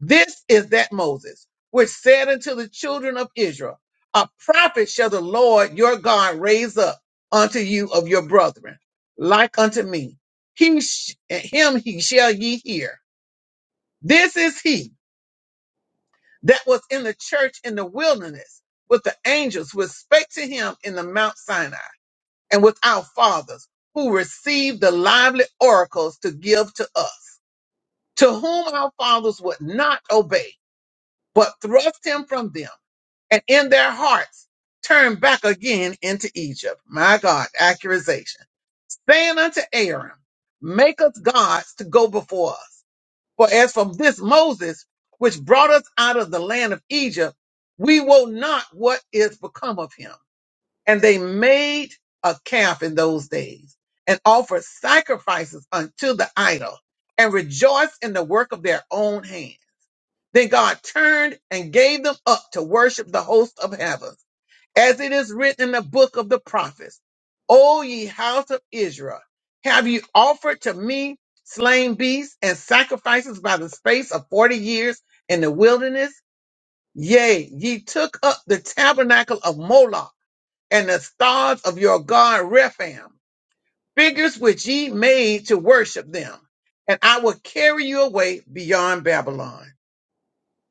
A: This is that Moses, which said unto the children of Israel, A prophet shall the Lord your God raise up unto you of your brethren, like unto me. He sh- him he shall ye hear. This is he that was in the church in the wilderness with the angels who spake to him in the Mount Sinai and with our fathers who received the lively oracles to give to us, to whom our fathers would not obey, but thrust him from them and in their hearts turned back again into Egypt. My God, accusation. Saying unto Aaron, make us gods to go before us. For as from this Moses, which brought us out of the land of Egypt, we will not what is become of him. And they made a calf in those days and offered sacrifices unto the idol and rejoiced in the work of their own hands. Then God turned and gave them up to worship the host of heaven as it is written in the book of the prophets. O ye house of Israel, have you offered to me slain beasts and sacrifices by the space of forty years in the wilderness? Yea, ye took up the tabernacle of Moloch and the stars of your god Rephaim, figures which ye made to worship them, and I will carry you away beyond Babylon.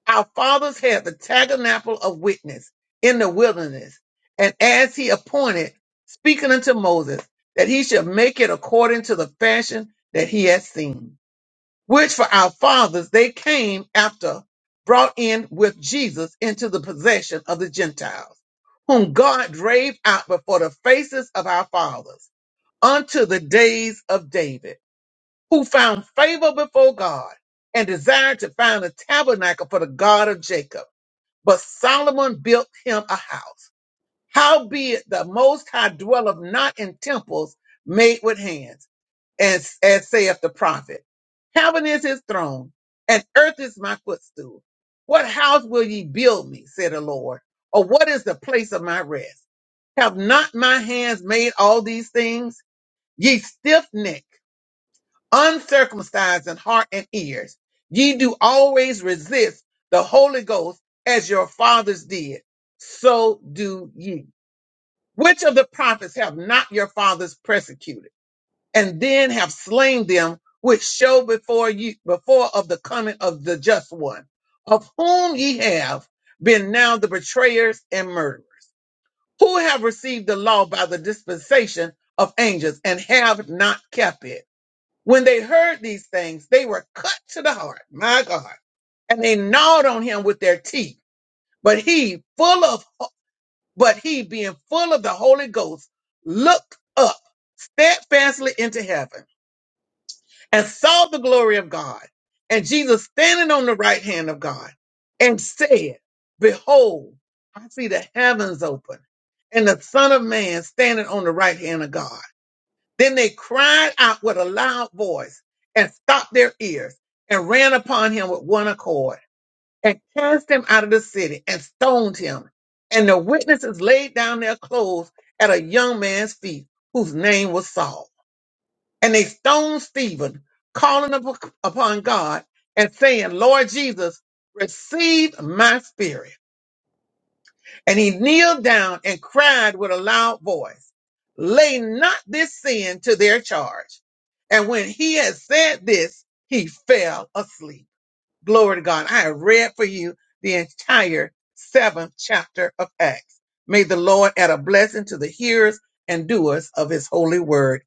A: Our fathers had the tabernacle of witness in the wilderness, and as he appointed, speaking unto Moses, that he should make it according to the fashion that he had seen, which for our fathers they came after, brought in with Jesus into the possession of the Gentiles, whom God drave out before the faces of our fathers, unto the days of David, who found favor before God and desired to find a tabernacle for the God of Jacob but Solomon built him a house. Howbeit the Most High dwelleth not in temples made with hands, as, as saith the prophet. Heaven is his throne, and earth is my footstool. What house will ye build me, said the Lord? Or what is the place of my rest? Have not my hands made all these things? Ye stiff neck uncircumcised in heart and ears. Ye do always resist the Holy Ghost as your fathers did. So do ye. Which of the prophets have not your fathers persecuted and then have slain them which show before you, before of the coming of the just one, of whom ye have been now the betrayers and murderers, who have received the law by the dispensation of angels and have not kept it when they heard these things, they were cut to the heart, my God, and they gnawed on him with their teeth. But he, full of, but he being full of the Holy Ghost, looked up steadfastly into heaven and saw the glory of God and Jesus standing on the right hand of God and said, behold, I see the heavens open and the son of man standing on the right hand of God. Then they cried out with a loud voice and stopped their ears and ran upon him with one accord and cast him out of the city and stoned him. And the witnesses laid down their clothes at a young man's feet whose name was Saul. And they stoned Stephen, calling up upon God and saying, Lord Jesus, receive my spirit. And he kneeled down and cried with a loud voice, Lay not this sin to their charge. And when he had said this, he fell asleep. Glory to God. I have read for you the entire seventh chapter of Acts. May the Lord add a blessing to the hearers and doers of his holy word.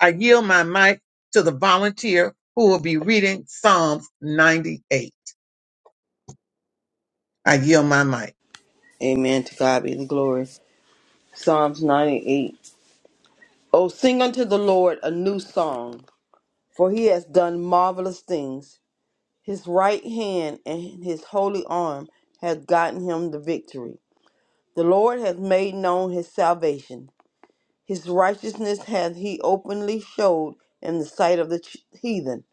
A: I yield my mic to the volunteer who will be reading Psalms 98. I yield my mic.
F: Amen. To God be the glory. Psalms 98. Oh, sing unto the Lord a new song, for he has done marvelous things. His right hand and his holy arm hath gotten him the victory. The Lord hath made known his salvation. His righteousness hath he openly showed in the sight of the ch- heathen.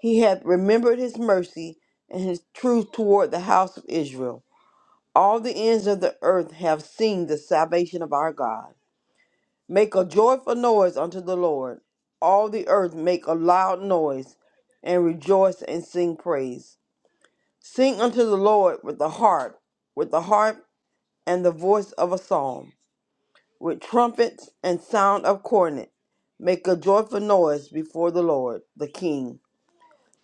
F: He hath remembered his mercy and his truth toward the house of Israel. All the ends of the earth have seen the salvation of our God. Make a joyful noise unto the Lord. All the earth make a loud noise and rejoice and sing praise. Sing unto the Lord with the harp, with the harp and the voice of a psalm, with trumpets and sound of cornet. Make a joyful noise before the Lord, the King.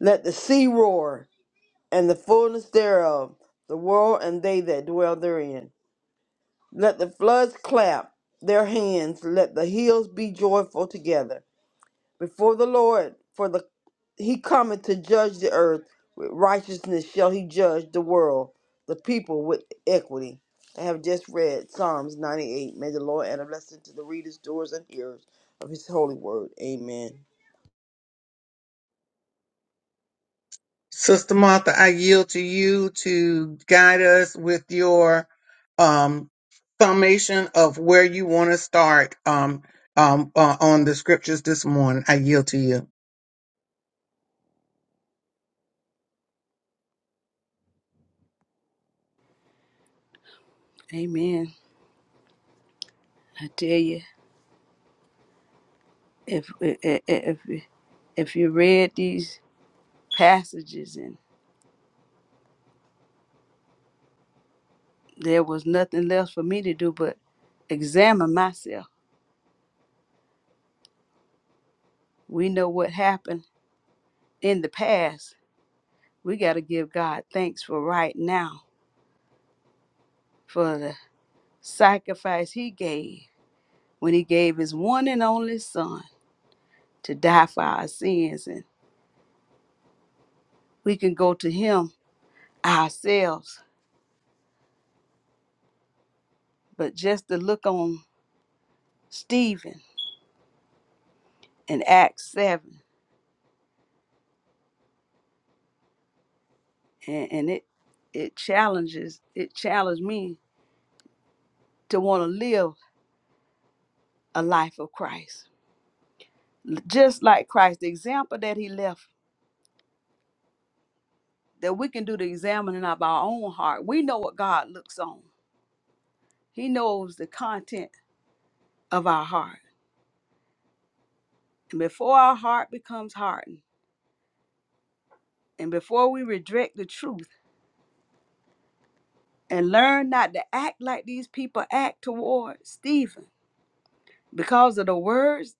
F: Let the sea roar and the fullness thereof, the world and they that dwell therein. Let the floods clap their hands, let the hills be joyful together. before the Lord, for the he cometh to judge the earth with righteousness shall he judge the world, the people with equity. I have just read Psalms 98. May the Lord add a blessing to the readers, doers, and hearers of his holy word. Amen.
A: Sister Martha, I yield to you to guide us with your um, summation of where you want to start um, um, uh, on the scriptures this morning. I yield to you.
C: Amen. I tell you. if if if you read these passages and there was nothing left for me to do but examine myself we know what happened in the past we got to give god thanks for right now for the sacrifice he gave when he gave his one and only son to die for our sins and we can go to him ourselves but just to look on stephen in acts 7 and, and it it challenges it challenged me to want to live a life of Christ, L- just like Christ, the example that He left. That we can do the examining of our own heart. We know what God looks on. He knows the content of our heart. And before our heart becomes hardened, and before we reject the truth and learn not to act like these people act toward Stephen, because of the words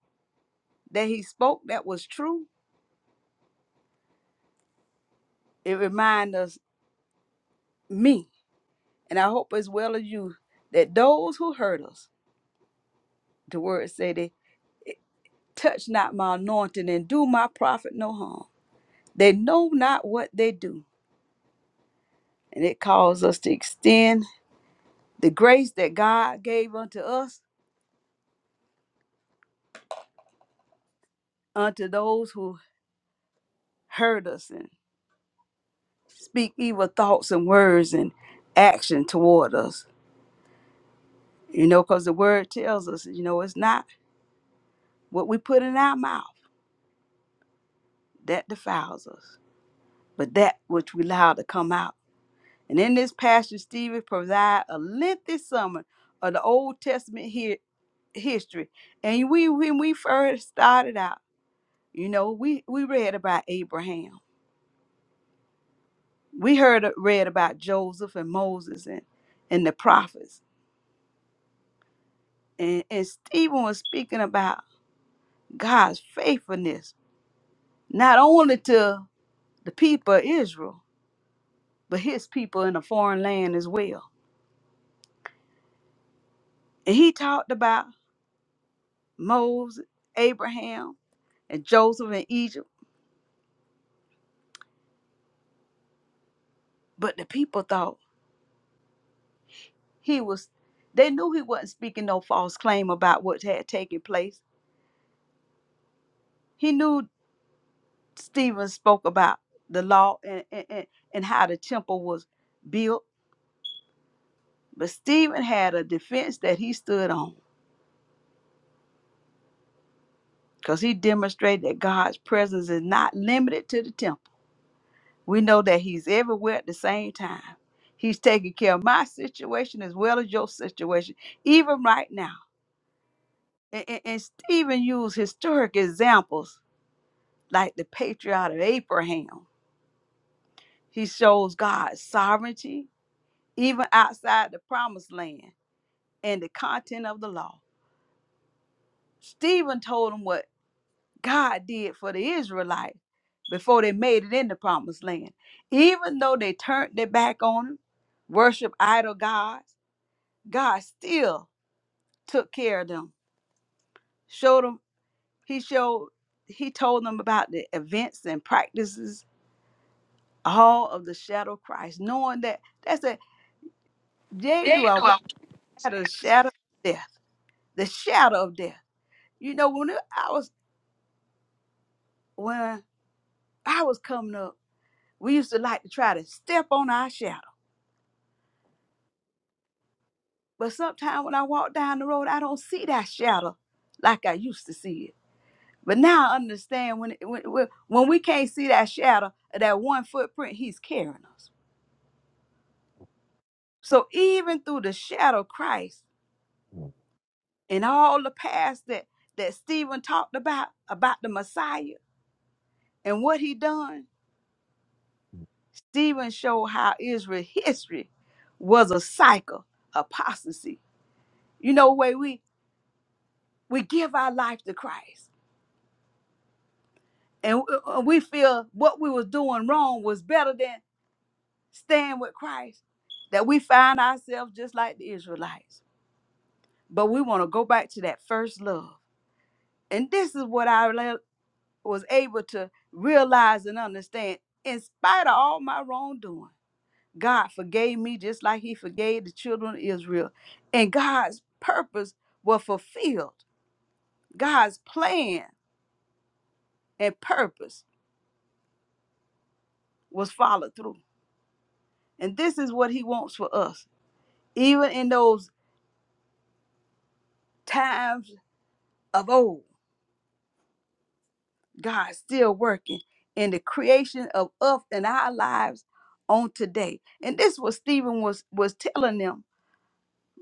C: that he spoke that was true, it reminds us me And I hope as well as you that those who hurt us, the word say they touch not my anointing and do my prophet no harm. They know not what they do. And it calls us to extend the grace that God gave unto us, unto those who hurt us and speak evil thoughts and words and action toward us. You know, because the word tells us, you know, it's not what we put in our mouth that defiles us, but that which we allow to come out. And in this passage, Stephen provides a lengthy summary of the Old Testament hi- history. And we, when we first started out, you know, we, we read about Abraham. We heard uh, read about Joseph and Moses and, and the prophets. And, and Stephen was speaking about God's faithfulness, not only to the people of Israel, but his people in a foreign land as well. And he talked about Moses, Abraham, and Joseph in Egypt But the people thought he was, they knew he wasn't speaking no false claim about what had taken place. He knew Stephen spoke about the law and, and, and and how the temple was built. But Stephen had a defense that he stood on because he demonstrated that God's presence is not limited to the temple. We know that he's everywhere at the same time. He's taking care of my situation as well as your situation, even right now. And, and and Stephen used historic examples like the patriarch of Abraham. He shows God's sovereignty even outside the promised land and the content of the law. Stephen told him what God did for the Israelites before they made it in the promised land. Even though they turned their back on him, worshiped idol gods, God still took care of them. Showed them, he showed, he told them about the events and practices, all of the shadow of Christ, knowing that that's a they
B: They
C: Do
B: ain't
C: a
B: I was saying.
C: shadow, shadow of death, the shadow of death. You know, when I was when I was coming up, we used to like to try to step on our shadow. But sometimes when I walk down the road, I don't see that shadow like I used to see it. But now I understand when when when we can't see that shadow, that one footprint He's carrying us. So even through the shadow of Christ and all the past that that Stephen talked about about the Messiah and what He done, Stephen showed how Israel history was a cycle of apostasy. You know, way we we give our life to Christ, and w- uh, we feel what we was doing wrong was better than staying with Christ. That we find ourselves just like the Israelites, but we want to go back to that first love. And this is what I le- was able to realize and understand, in spite of all my wrongdoing. God forgave me just like he forgave the children of Israel. And God's purpose was fulfilled. God's plan and purpose was followed through. And this is what he wants for us. Even in those times of old, God's still working in the creation of us and our lives on today. And this was Stephen was was telling them,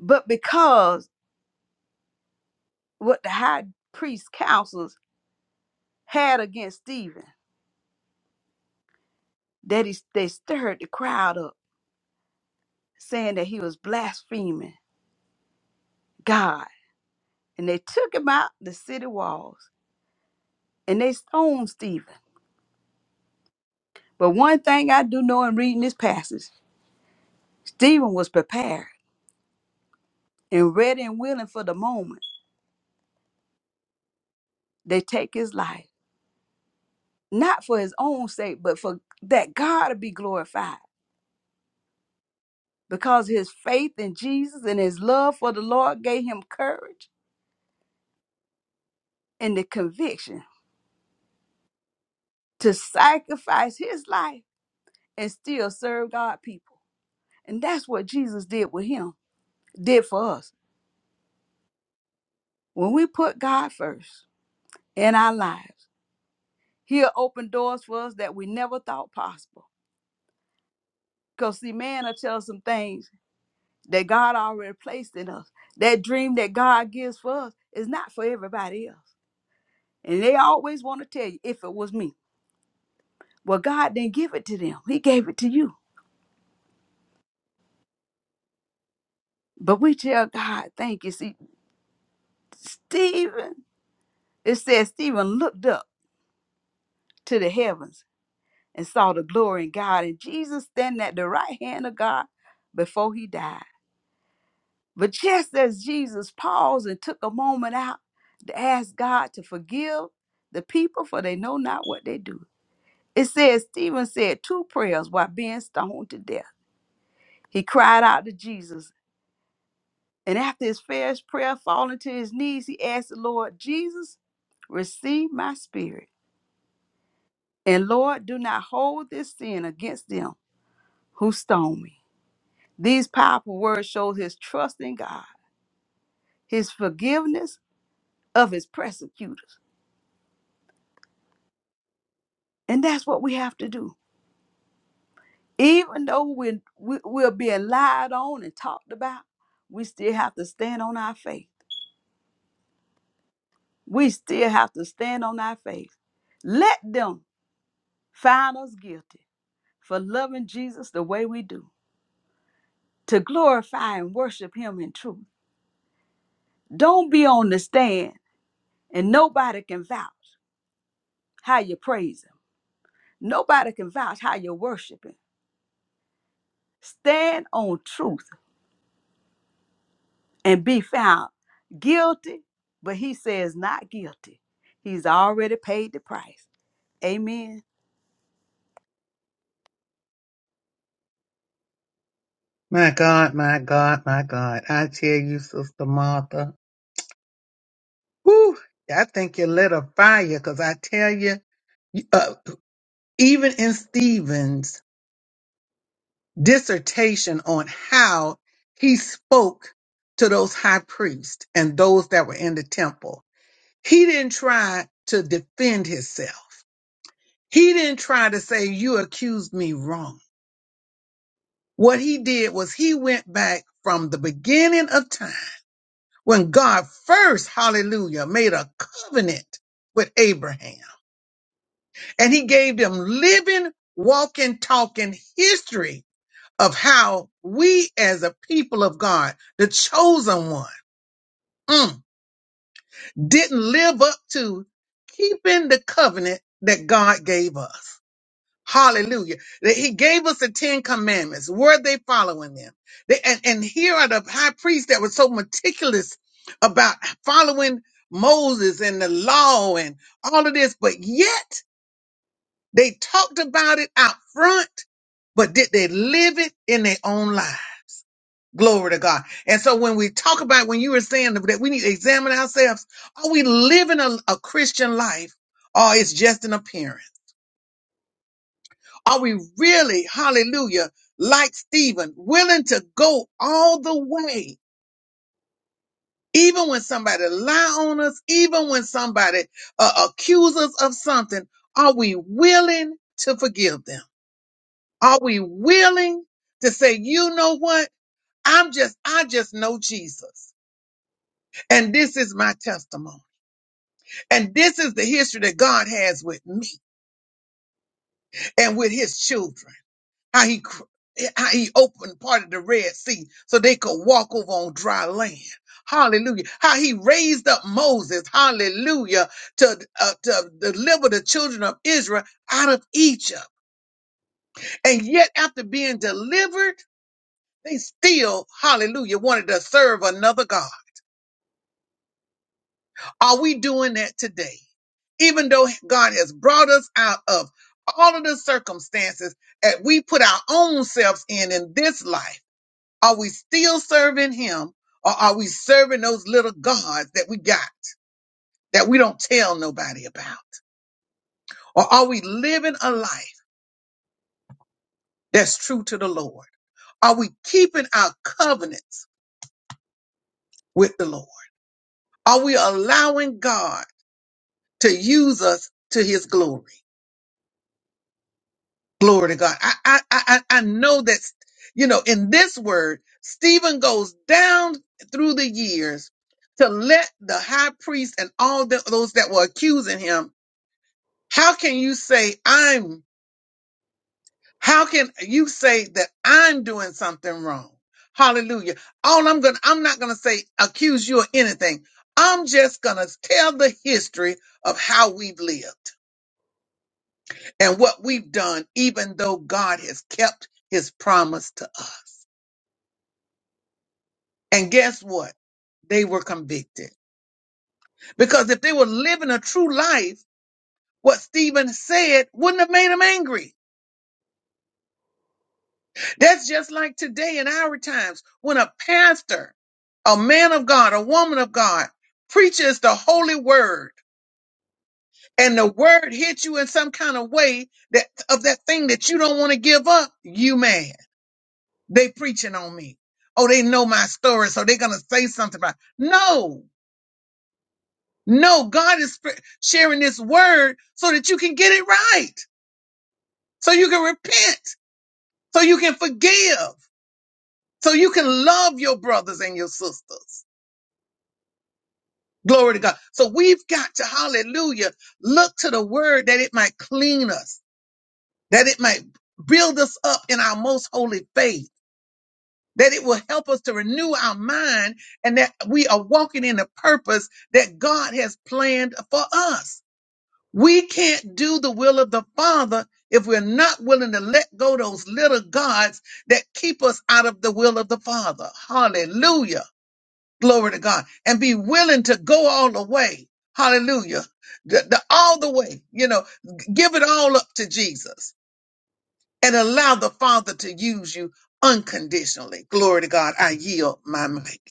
C: but because what the high priest councils had against Stephen. that he, they stirred the crowd up, saying that he was blaspheming God. And they took him out the city walls and they stoned Stephen. But one thing I do know in reading this passage, Stephen was prepared and ready and willing for the moment they take his life, not for his own sake, but for that God to be glorified. Because his faith in Jesus and his love for the Lord gave him courage and the conviction to sacrifice his life and still serve God people. And that's what Jesus did with him, did for us. When we put God first in our lives, he'll open doors for us that we never thought possible. Because see, man will tell us some things that God already placed in us. That dream that God gives for us is not for everybody else. And they always want to tell you, if it was me. Well, God didn't give it to them. He gave it to you. But we tell God, thank you. See, Stephen, it says Stephen looked up to the heavens and saw the glory in God and Jesus standing at the right hand of God before he died. But just as Jesus paused and took a moment out to ask God to forgive the people, for they know not what they do. It says Stephen said two prayers while being stoned to death. He cried out to Jesus, and after his first prayer, falling to his knees, he asked the Lord, Jesus, receive my spirit. And Lord, do not hold this sin against them who stone me. These powerful words show his trust in God, his forgiveness of his persecutors. And that's what we have to do. Even though we're, we- we're being lied on and talked about, we still have to stand on our faith. We still have to stand on our faith. Let them find us guilty for loving Jesus the way we do, to glorify and worship him in truth. Don't be on the stand and nobody can vouch how you praise him. Nobody can vouch how you worship him. Stand on truth and be found guilty, but he says not guilty. He's already paid the price. Amen.
A: My God, my God, my God. I tell you, Sister Martha, whew, I think you lit a fire because I tell you, even in Stephen's dissertation on how he spoke to those high priests and those that were in the temple, he didn't try to defend himself. He didn't try to say, You accused me wrong. What he did was he went back from the beginning of time when God first, hallelujah, made a covenant with Abraham and he gave them living, walking, talking history of how we as a people of God, the chosen one, mm, didn't live up to keeping the covenant that God gave us. Hallelujah. That he gave us the Ten Commandments. Were they following them? They- and, and here are the high priests that were so meticulous about following Moses and the law and all of this, but yet they talked about it out front, but did they live it in their own lives? Glory to God. And so when we talk about when you were saying that we need to examine ourselves, are we living a, a Christian life or it's just an appearance? Are we really, hallelujah, like Stephen, willing to go all the way? Even when somebody lie on us, even when somebody uh, accuse us of something, are we willing to forgive them? Are we willing to say, you know what? I'm just, I just know Jesus. And this is my testimony. And this is the history that God has with me and with his children. How he cr- how he opened part of the Red Sea so they could walk over on dry land. Hallelujah. How he raised up Moses, hallelujah, to, uh, to deliver the children of Israel out of Egypt. And yet, after being delivered, they still, hallelujah, wanted to serve another God. Are we doing that today? Even though God has brought us out of all of the circumstances that we put our own selves in in this life, are we still serving Him or are we serving those little gods that we got that we don't tell nobody about? Or are we living a life that's true to the Lord? Are we keeping our covenants with the Lord? Are we allowing God to use us to His glory? Glory to God. I, I, I, I I know that, you know, in this word, Stephen goes down through the years to let the high priest and all the, those that were accusing him. How can you say I'm, how can you say that I'm doing something wrong? Hallelujah. All I'm going to, I'm not going to say accuse you of anything. I'm just going to tell the history of how we've lived and what we've done, even though God has kept his promise to us. And guess what? They were convicted. Because if they were living a true life, what Stephen said wouldn't have made them angry. That's just like today in our times when a pastor, a man of God, a woman of God preaches the holy word and the word hits you in some kind of way that of that thing that you don't want to give up, you mad. They preaching on me. Oh, they know my story, so they're gonna say something about it. No, No, God is sp- sharing this word so that you can get it right, so you can repent, so you can forgive, so you can love your brothers and your sisters. Glory to God. So we've got to, hallelujah, look to the word that it might clean us, that it might build us up in our most holy faith, that it will help us to renew our mind and that we are walking in the purpose that God has planned for us. We can't do the will of the Father if we're not willing to let go those little gods that keep us out of the will of the Father. Hallelujah. Glory to God. And be willing to go all the way. Hallelujah. The- the- all the way, you know, g- give it all up to Jesus and allow the Father to use you unconditionally. Glory to God. I yield my mic.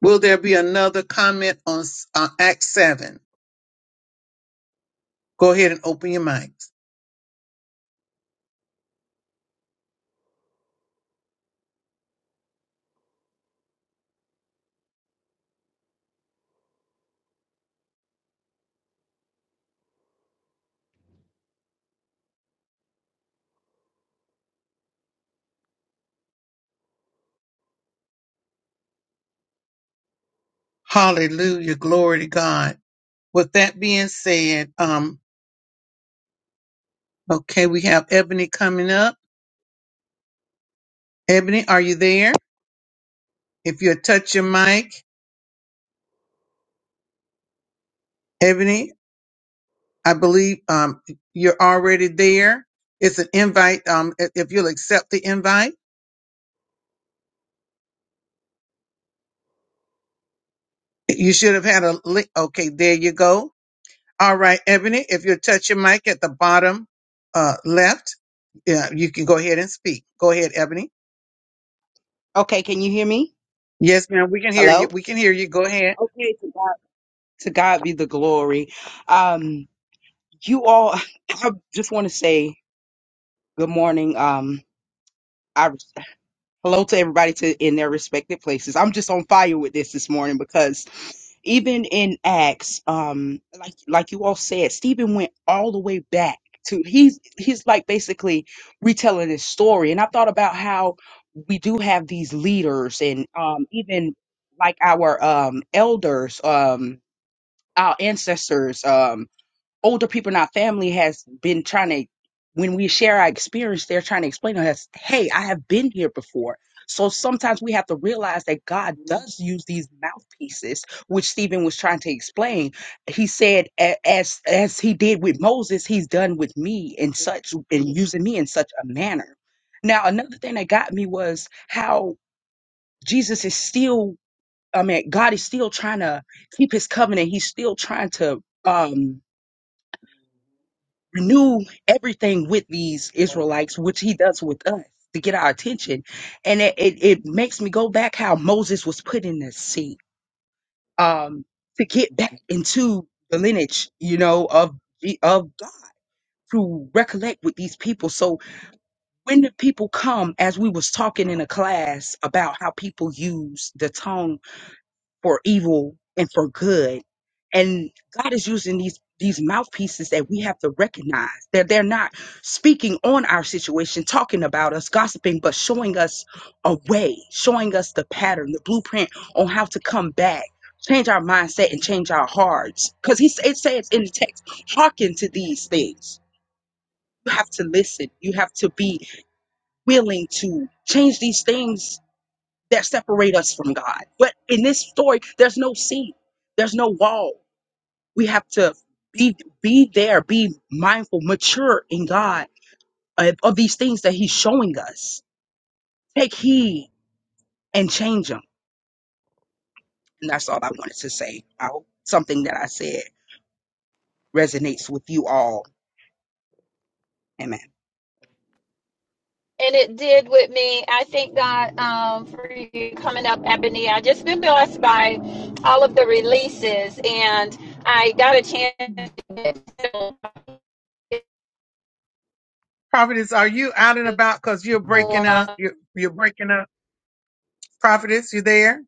A: Will there be another comment on s- uh, Act 7? Go ahead and open your mic. Hallelujah. Glory to God. With that being said, um, okay, we have Ebony coming up. Ebony, are you there? If you touch your mic, Ebony, I believe um you're already there. It's an invite. Um, i- if you'll accept the invite, you should have had a link. Okay, there you go. All right, Ebony, if you'll touch your mic at the bottom uh left, yeah, you can go ahead and speak. Go ahead, Ebony.
G: Okay, can you hear me?
A: Yes, ma'am, we can hear
G: Hello?
A: you. We can hear you. Go ahead.
G: Okay, to God, to God be the glory. Um, you all, I just want to say good morning. Um, Hello to everybody to in their respective places. I'm just on fire with this this morning because even in Acts, um, like like you all said, Stephen went all the way back to he's he's like basically retelling his story. And I thought about how we do have these leaders and um even like our um elders, um our ancestors. Um older people in our family has been trying to when we share our experience they're trying to explain to us hey i have been here before so sometimes we have to realize that god does use these mouthpieces which stephen was trying to explain he said "A- as as he did with moses he's done with me in such and using me in such a manner now another thing that got me was how jesus is still i mean god is still trying to keep his covenant he's still trying to um renew everything with these Israelites, which he does with us to get our attention. And it, it, it makes me go back how Moses was put in the sea um, to get back into the lineage, you know, of, the- of God to recollect with these people. So when the people come, as we was talking in a class about how people use the tongue for evil and for good. And God is using these these mouthpieces that we have to recognize that they're not speaking on our situation, talking about us, gossiping, but showing us a way, showing us the pattern, the blueprint on how to come back, change our mindset and change our hearts. Because he it says in the text, hearken to these things. You have to listen. You have to be willing to change these things that separate us from God. But in this story, there's no scene, there's no wall. We have to be be there, be mindful, mature in God uh, of these things that He's showing us. Take heed and change them. And that's all I wanted to say. I hope something that I said resonates with you all. Amen.
E: And it did with me. I thank God um, for you coming up, Ebony. I just been blessed by all of the releases, and I got a chance. to get to
A: Prophetess, are you out and about? Cause you're
E: Go
A: breaking
E: on.
A: up. You're, you're breaking up. Prophetess, you there?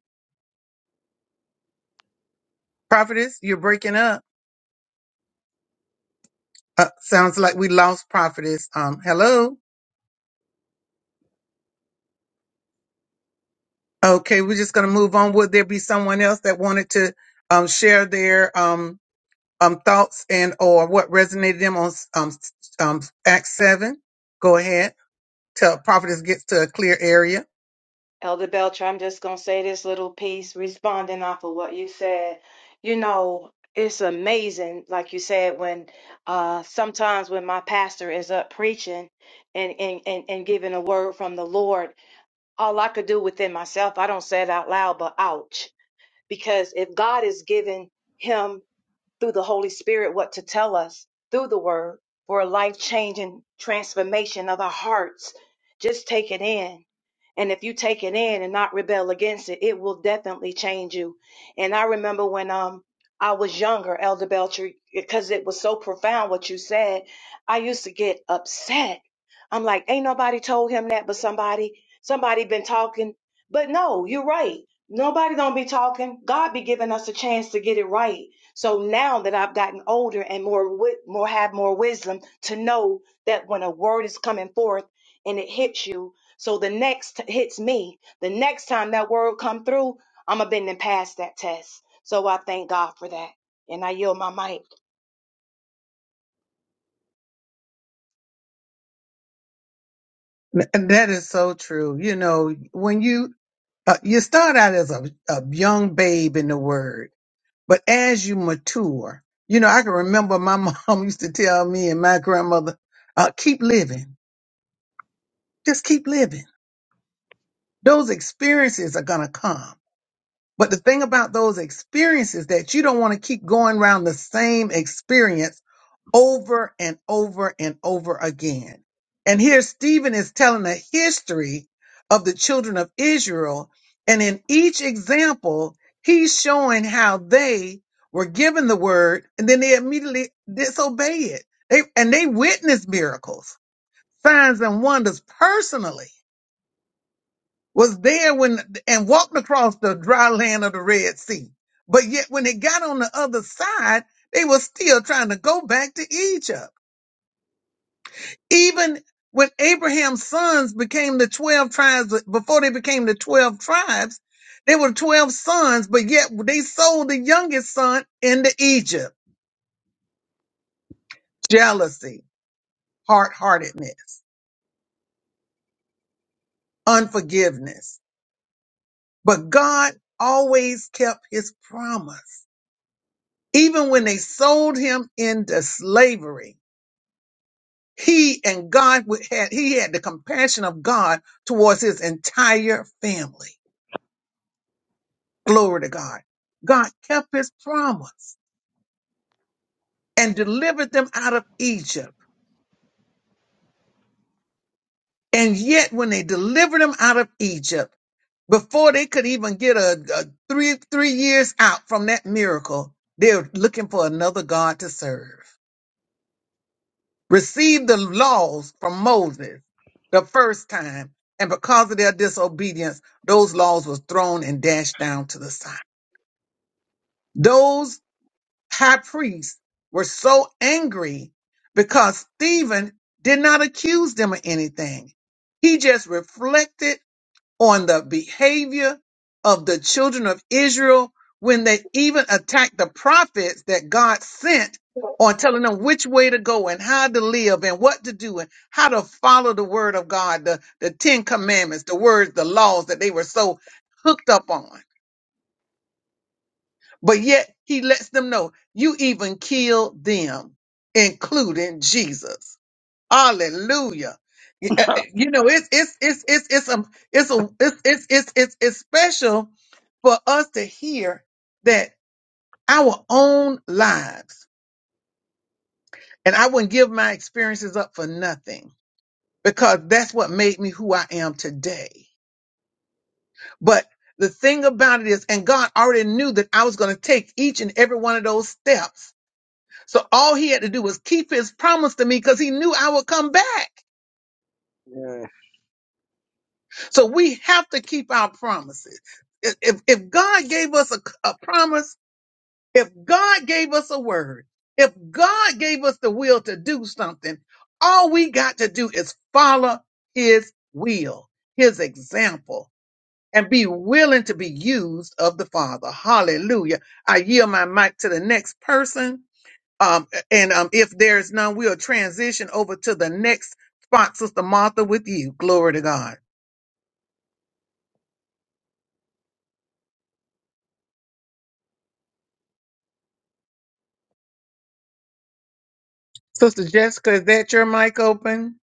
A: Prophetess, you're breaking up. Uh, sounds like we lost Prophetess. Um, hello. Okay, we're just gonna move on. Would there be someone else that wanted to um share their um um thoughts and or what resonated them on um, s- um Act Seven? Go ahead. till prophetess gets to a clear area.
D: Elder Belcher, I'm just going to say this little piece responding off of what you said. You know, it's amazing, like you said, when uh, sometimes when my pastor is up preaching and, and, and, and giving a word from the Lord all I could do within myself, I don't say it out loud, but ouch. Because if God is giving him through the Holy Spirit what to tell us through the Word for a life changing transformation of our hearts. Just take it in. And if you take it in and not rebel against it, it will definitely change you. And I remember when um I was younger, Elder Belcher, because it was so profound what you said, I used to get upset. I'm like, ain't nobody told him that but somebody. Somebody been talking. But no, you're right. Nobody don't be talking. God be giving us a chance to get it right so now that I've gotten older and more more have more wisdom to know that when a word is coming forth and it hits you, so the next hits me, the next time that word come through, I'm a bending past that test. So I thank God for that, and I yield my mic.
A: And that is so true. You know, when you uh, you start out as a, a young babe in the word, but as you mature, you know, I can remember my mom used to tell me and my grandmother, uh, keep living, just keep living. those experiences are going to come. But the thing about those experiences that you don't want to keep going around the same experience over and over and over again. And here Stephen is telling a history of the children of Israel. And in each example, he's showing how they were given the word and then they immediately disobey it. They, and they witnessed miracles, signs and wonders personally was there when and walked across the dry land of the Red Sea. But yet when they got on the other side, they were still trying to go back to Egypt. Even when Abraham's sons became the 12 tribes, before they became the 12 tribes, they were 12 sons, but yet they sold the youngest son into Egypt. Jealousy, hard-heartedness, unforgiveness. But God always kept his promise. Even when they sold him into slavery, he and God would- had he had the compassion of God towards his entire family. Glory to God. God kept his promise and delivered them out of Egypt. And yet when they delivered them out of Egypt, before they could even get a, a three three years out from that miracle, they're looking for another God to serve. received the laws from Moses the first time, and because of their disobedience, those laws were thrown and dashed down to the side. Those high priests were so angry because Stephen did not accuse them of anything. He just reflected on the behavior of the children of Israel when they even attacked the prophets that God sent on telling them which way to go and how to live and what to do and how to follow the word of God, the, the Ten Commandments, the words, the laws that they were so hooked up on. But yet he lets them know you even killed them, including Jesus. Hallelujah. Y- uh, uh, You know, it's it's it's it's it's a it's a it's it's it's it's, it's special for us to hear that our own lives, and I wouldn't give my experiences up for nothing because that's what made me who I am today. But the thing about it is, and God already knew that I was going to take each and every one of those steps. So all he had to do was keep his promise to me because he knew I would come back. So we have to keep our promises. If, if if God gave us a, a promise, if God gave us a word, if God gave us the will to do something, all we got to do is follow his will, his example, and be willing to be used of the Father. Hallelujah. I yield my mic to the next person. Um, and um, if there's none, we'll transition over to the next spot, Sister Martha, with you. Glory to God. Sister Jessica, is that your mic open?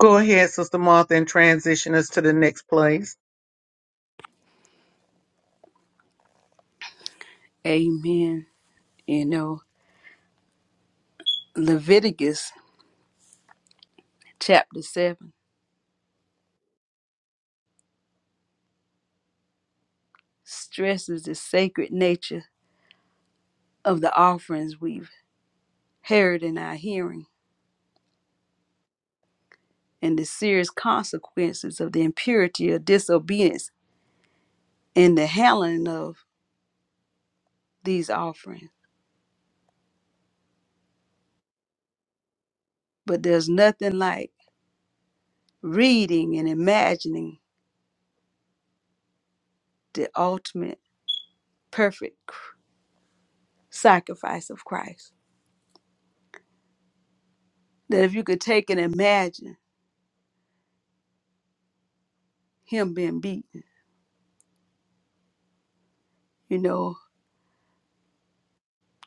A: Go ahead, Sister Martha, and transition us to the next place.
C: Amen. You know, Leviticus chapter 7 stresses the sacred nature of the offerings we've heard in our hearing and the serious consequences of the impurity of disobedience in the handling of these offerings. But there's nothing like reading and imagining the ultimate perfect cr- sacrifice of Christ. That if you could take and imagine him being beaten, you know,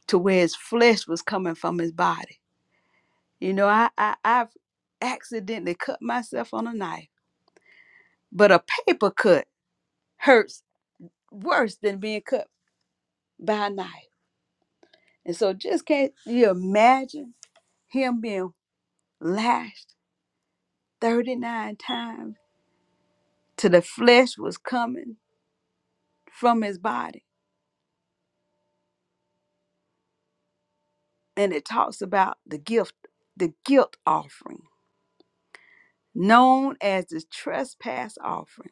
C: to where his flesh was coming from his body. You know, I, I I've accidentally cut myself on a knife, but a paper cut hurts worse than being cut by a knife. And so just can't you imagine him being lashed 39 times till the flesh was coming from his body and it talks about the gift, the guilt offering, known as the trespass offering.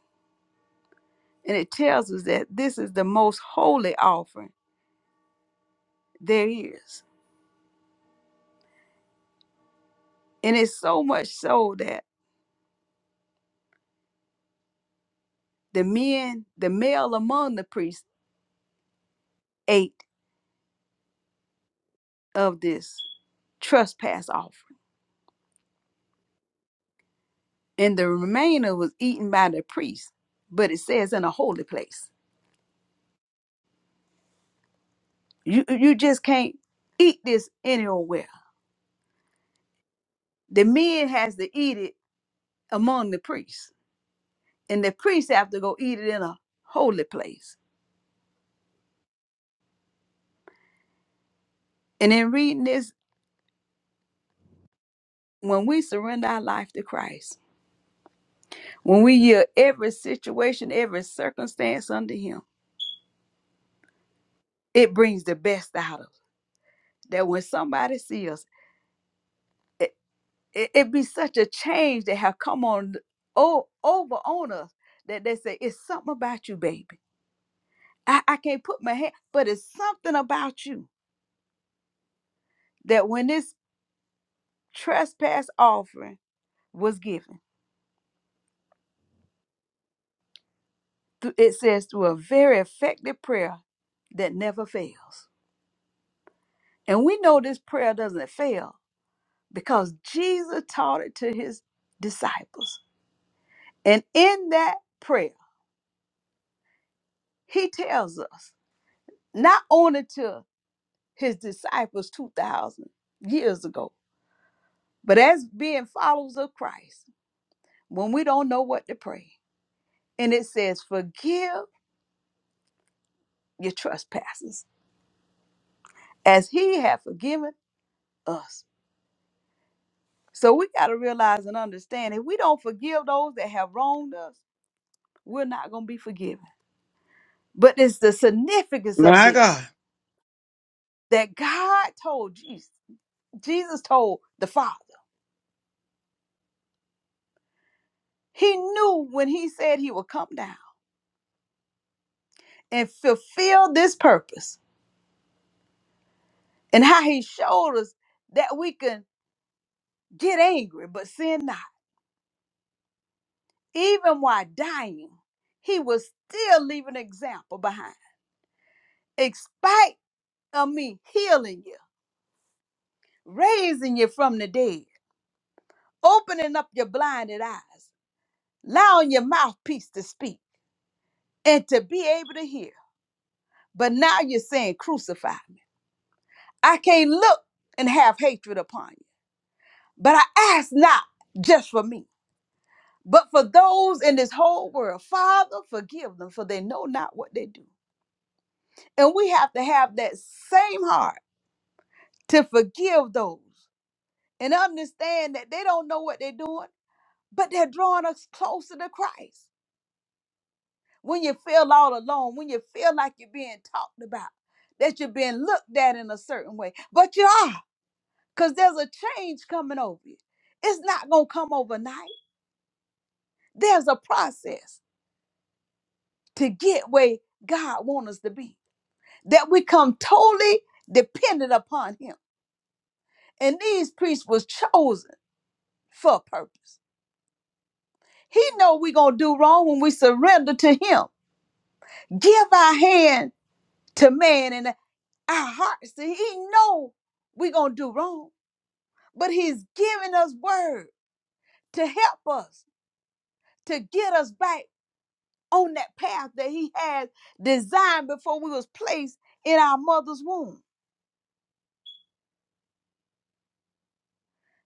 C: And it tells us that this is the most holy offering there is. And it's so much so that the men, the male among the priests, ate of this trespass offering. And the remainder was eaten by the priest, but it says in a holy place. You you just can't eat this anywhere. The men has to eat it among the priests and the priest have to go eat it in a holy place. And in reading this, when we surrender our life to Christ, when we yield every situation, every circumstance under Him, it brings the best out of us. That when somebody sees us, it, it, it be such a change that have come on oh, over on us that they say, It's something about you, baby. I, I can't put my hand, but it's something about you that when this trespass offering was given, th- it says through a very effective prayer that never fails. And we know this prayer doesn't fail because Jesus taught it to his disciples. And in that prayer, he tells us not only to his disciples 2,000 years ago, but as being followers of Christ, when we don't know what to pray. And it says, Forgive your trespasses as he hath forgiven us So we got to realize and understand if we don't forgive those that have wronged us, we're not going to be forgiven. But it's the significance of
A: My
C: this
A: God,
C: that God told Jesus, Jesus told the Father. He knew when he said he would come down and fulfill this purpose and how he showed us that we can get angry but sin not. Even while dying, he was still leaving an example behind. In spite of me healing you, raising you from the dead. opening up your blinded eyes, allowing your mouthpiece to speak and to be able to hear. But now you're saying, Crucify me. I can't look and have hatred upon you. But I ask not just for me, but for those in this whole world. Father, forgive them, for they know not what they do. And we have to have that same heart to forgive those and understand that they don't know what they're doing, but they're drawing us closer to Christ. when you feel all alone, when you feel like you're being talked about, that you're being looked at in a certain way. But you are, because there's a change coming over you. It's not going to come overnight. There's a process to get where God wants us to be, that we come totally dependent upon Him. And these priests was chosen for a purpose. He know we going to do wrong when we surrender to Him. Give our hand to man and our hearts to He know we going to do wrong but he's giving us word to help us to get us back on that path that he had designed before we was placed in our mother's womb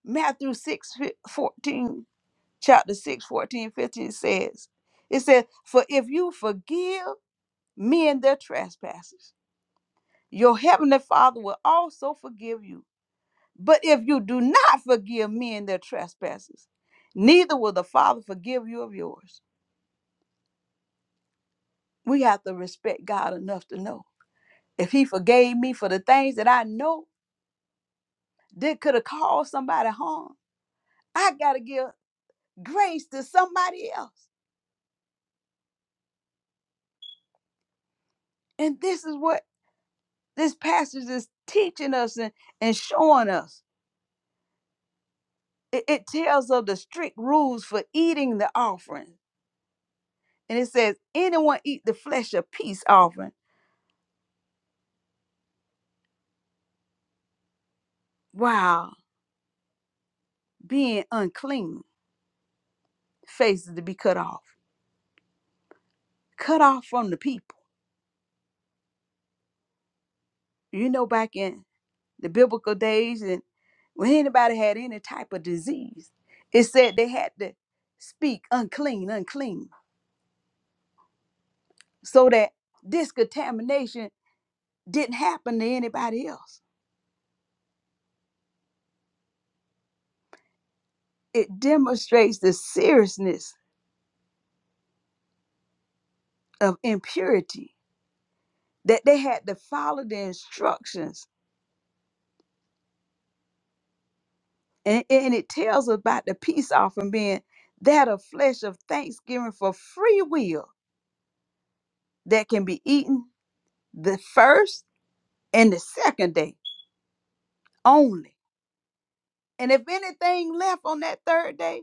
C: matthew 6 14, chapter 6 14 15 says it says for if you forgive men their trespasses your heavenly father will also forgive you but if you do not forgive men their trespasses neither will the father forgive you of yours we have to respect God enough to know if He forgave me for the things that I know that could have caused somebody harm, I got to give grace to somebody else. And this is what this passage is teaching us and, and showing us. It, it tells of the strict rules for eating the offering. And it says, anyone eat the flesh of peace offering while being unclean faces to be cut off, cut off from the people. You know, back in the biblical days and when anybody had any type of disease, it said they had to speak unclean, unclean, so that this contamination didn't happen to anybody else. It demonstrates the seriousness of impurity that they had to follow the instructions. And, and it tells about the peace offering being that of flesh of thanksgiving for free will that can be eaten the first and the second day only And if anything left on that third day,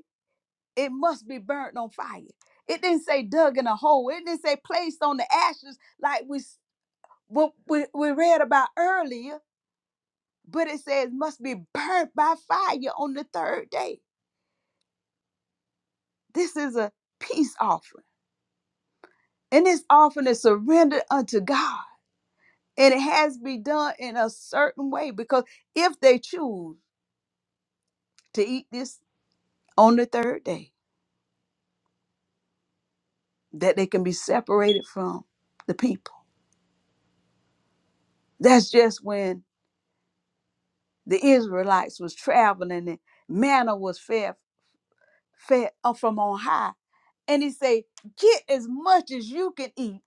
C: it must be burnt on fire. It didn't say dug in a hole. It didn't say placed on the ashes like we what we, we read about earlier, but it says must be burnt by fire on the third day. This is a peace offering. And this offering is surrendered unto God. And it has to be done in a certain way because if they choose to eat this on the third day, that they can be separated from the people. That's just when the Israelites was traveling and manna was fed, fed up from on high. And he said, get as much as you can eat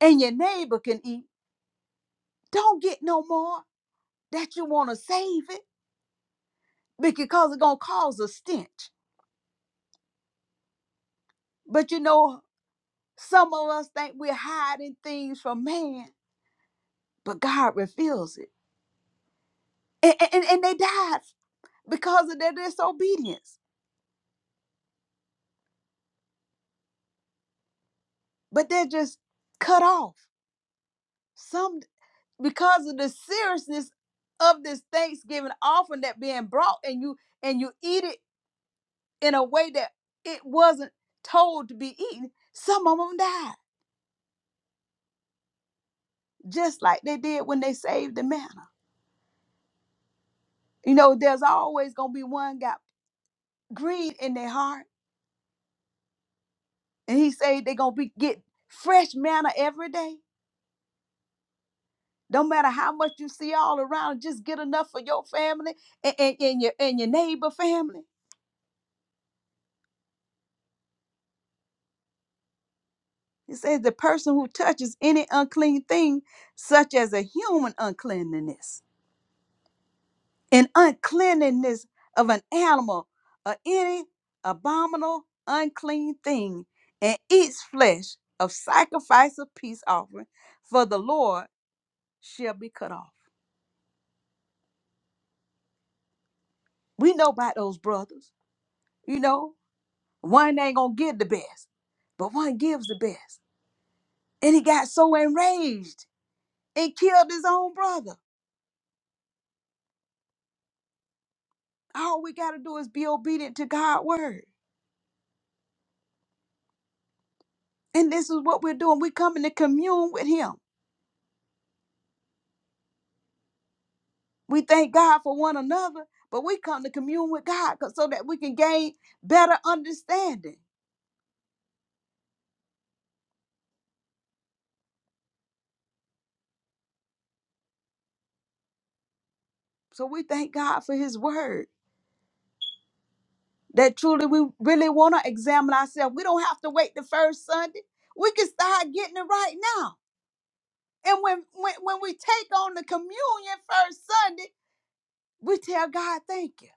C: and your neighbor can eat. Don't get no more that you want to save it because it's going to cause a stench. But you know, some of us think we're hiding things from man, but God reveals it. And, and, and they died because of their disobedience, but they're just cut off. Some. because of the seriousness of this Thanksgiving offering that being brought and you and you eat it in a way that it wasn't told to be eaten. Some of them died, just like they did when they saved the manna. You know, there's always gonna be one got greed in their heart, and he said they're gonna be get fresh manna every day. Don't matter how much you see all around, just get enough for your family and, and, and your and your neighbor family. It says the person who touches any unclean thing, such as a human uncleanliness, an uncleanliness of an animal, or any abominable unclean thing, and eats flesh of sacrifice of peace offering for the Lord shall be cut off. We know about those brothers. You know, one ain't gonna give the best, but one gives the best. And he got so enraged and killed his own brother. All we got to do is be obedient to God's word. And this is what we're doing. we coming to commune with Him. We thank God for one another, but we come to commune with God 'cause- so that we can gain better understanding. So we thank God for His word that truly we really want to examine ourselves. We don't have to wait the first Sunday. We can start getting it right now. And when, when, when we take on the communion first Sunday, we tell God thank you.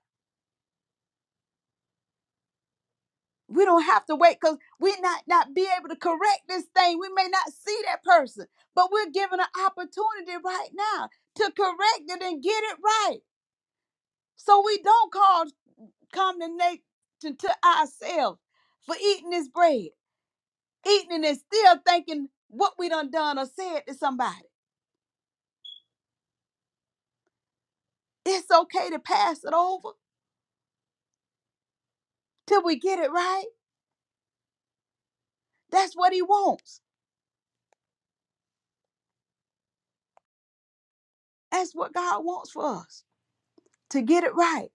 C: We don't have to wait because we not not be able to correct this thing. We may not see that person, but we're given an opportunity right now to correct it and get it right. So we don't cause condemnation to ourselves for eating this bread, eating it and still thinking what we done done or said to somebody. It's okay to pass it over till we get it right. That's what he wants. That's what God wants for us to get it right.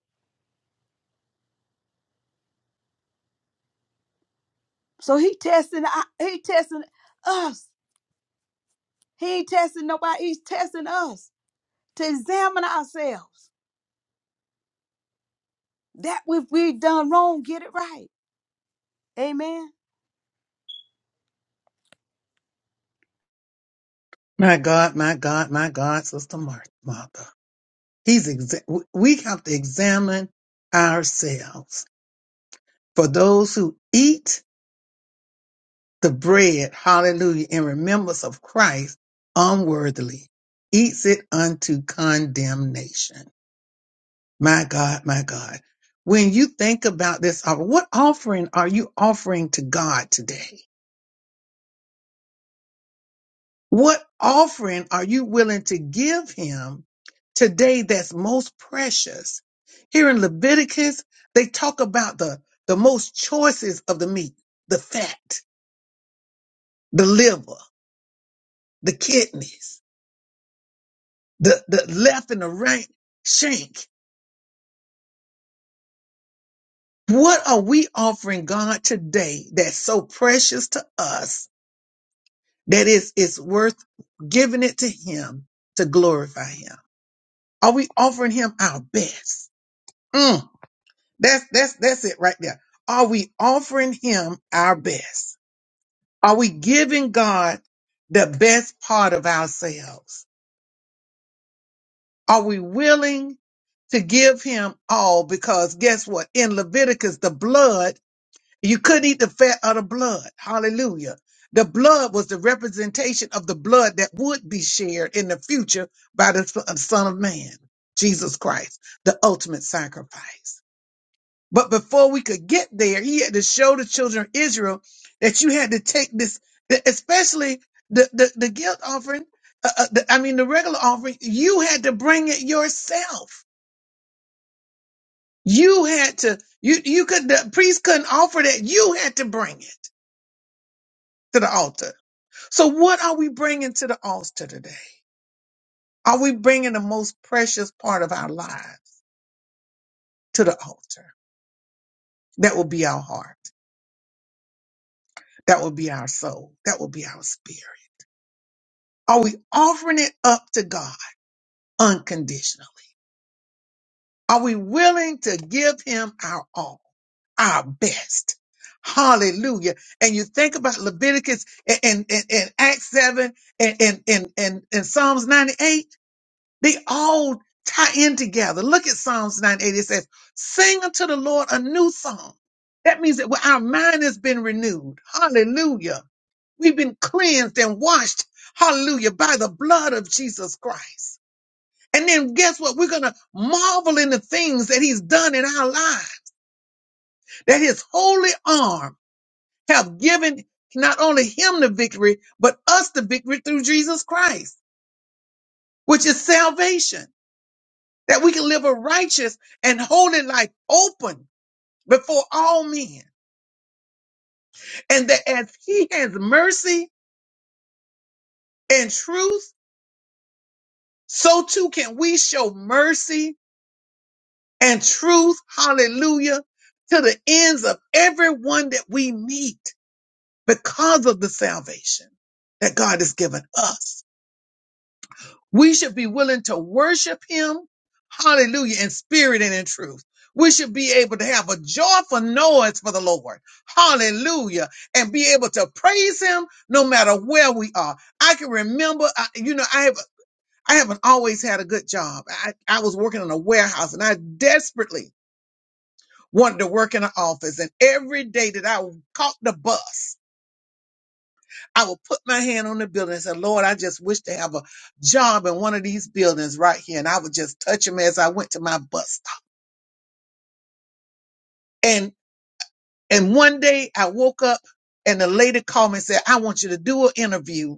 C: So he testing, he testing us He ain't testing nobody. He's testing us to examine ourselves. That if we done wrong, get it right. Amen.
A: my God, my God, my God, Sister Mar- Martha. He's exa- w- we have to examine ourselves. For those who eat the bread, hallelujah, in remembrance of Christ unworthily, eats it unto condemnation. My God, my God. When you think about this, uh, what offering are you offering to God today? What offering are you willing to give him today that's most precious? Here in Leviticus, they talk about the, the most choices of the meat, the fat, the liver, the kidneys, the, the left and the right shank. What are we offering God today that's so precious to us that is, is worth giving it to him to glorify him? Are we offering him our best? Mm. That's that's that's it right there. Are we offering him our best? Are we giving God the best part of ourselves? Are we willing to give him all? Because guess what? In Leviticus, the blood, you couldn't eat the fat of the blood. Hallelujah. The blood was the representation of the blood that would be shared in the future by the Son of Man, Jesus Christ, the ultimate sacrifice. But before we could get there, he had to show the children of Israel that you had to take this, that especially the, the, the guilt offering, uh, uh, the, I mean, the regular offering, you had to bring it yourself. You had to, you, you could, the priest couldn't offer that. You had to bring it to the altar. So what are we bringing to the altar today? Are we bringing the most precious part of our lives to the altar? That will be our heart. That will be our soul. That will be our spirit. Are we offering it up to God unconditionally? Are we willing to give him our all, our best? Hallelujah. And you think about Leviticus and, and, and, and Acts 7 and, and, and, and, and Psalms 98, they all tie in together. Look at Psalms 98. It says, sing unto the Lord a new song. That means that our mind has been renewed. Hallelujah. We've been cleansed and washed. Hallelujah. By the blood of Jesus Christ. And then guess what? We're going to marvel in the things that he's done in our lives, that his holy arm have given not only him the victory, but us the victory through Jesus Christ, which is salvation, that we can live a righteous and holy life open before all men. And that as he has mercy and truth, so too can we show mercy and truth, hallelujah, to the ends of everyone that we meet because of the salvation that God has given us. We should be willing to worship him, hallelujah, in spirit and in truth. We should be able to have a joyful noise for the Lord. Hallelujah. And be able to praise him no matter where we are. I can remember, I, you know, I have, I haven't always had a good job. I, I was working in a warehouse and I desperately wanted to work in an office. And every day that I caught the bus, I will put my hand on the building and say, Lord, I just wish to have a job in one of these buildings right here. And I would just touch them as I went to my bus stop. And and one day I woke up and the lady called me and said, I want you to do an interview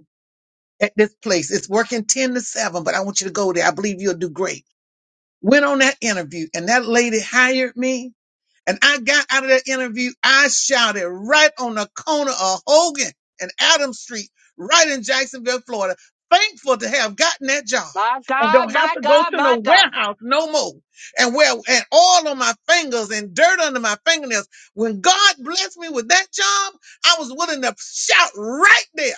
A: at this place. It's working 10 to 7, but I want you to go there. I believe you'll do great. Went on that interview and that lady hired me And I got out of that interview, I shouted right on the corner of Hogan and Adams Street, right in Jacksonville, Florida, thankful to have gotten that job
D: My
A: and
D: God,
A: don't have
D: my
A: to go
D: God,
A: to no
D: my God.
A: warehouse no more. And well, and oil on my fingers and dirt under my fingernails. When God blessed me with that job, I was willing to shout right there,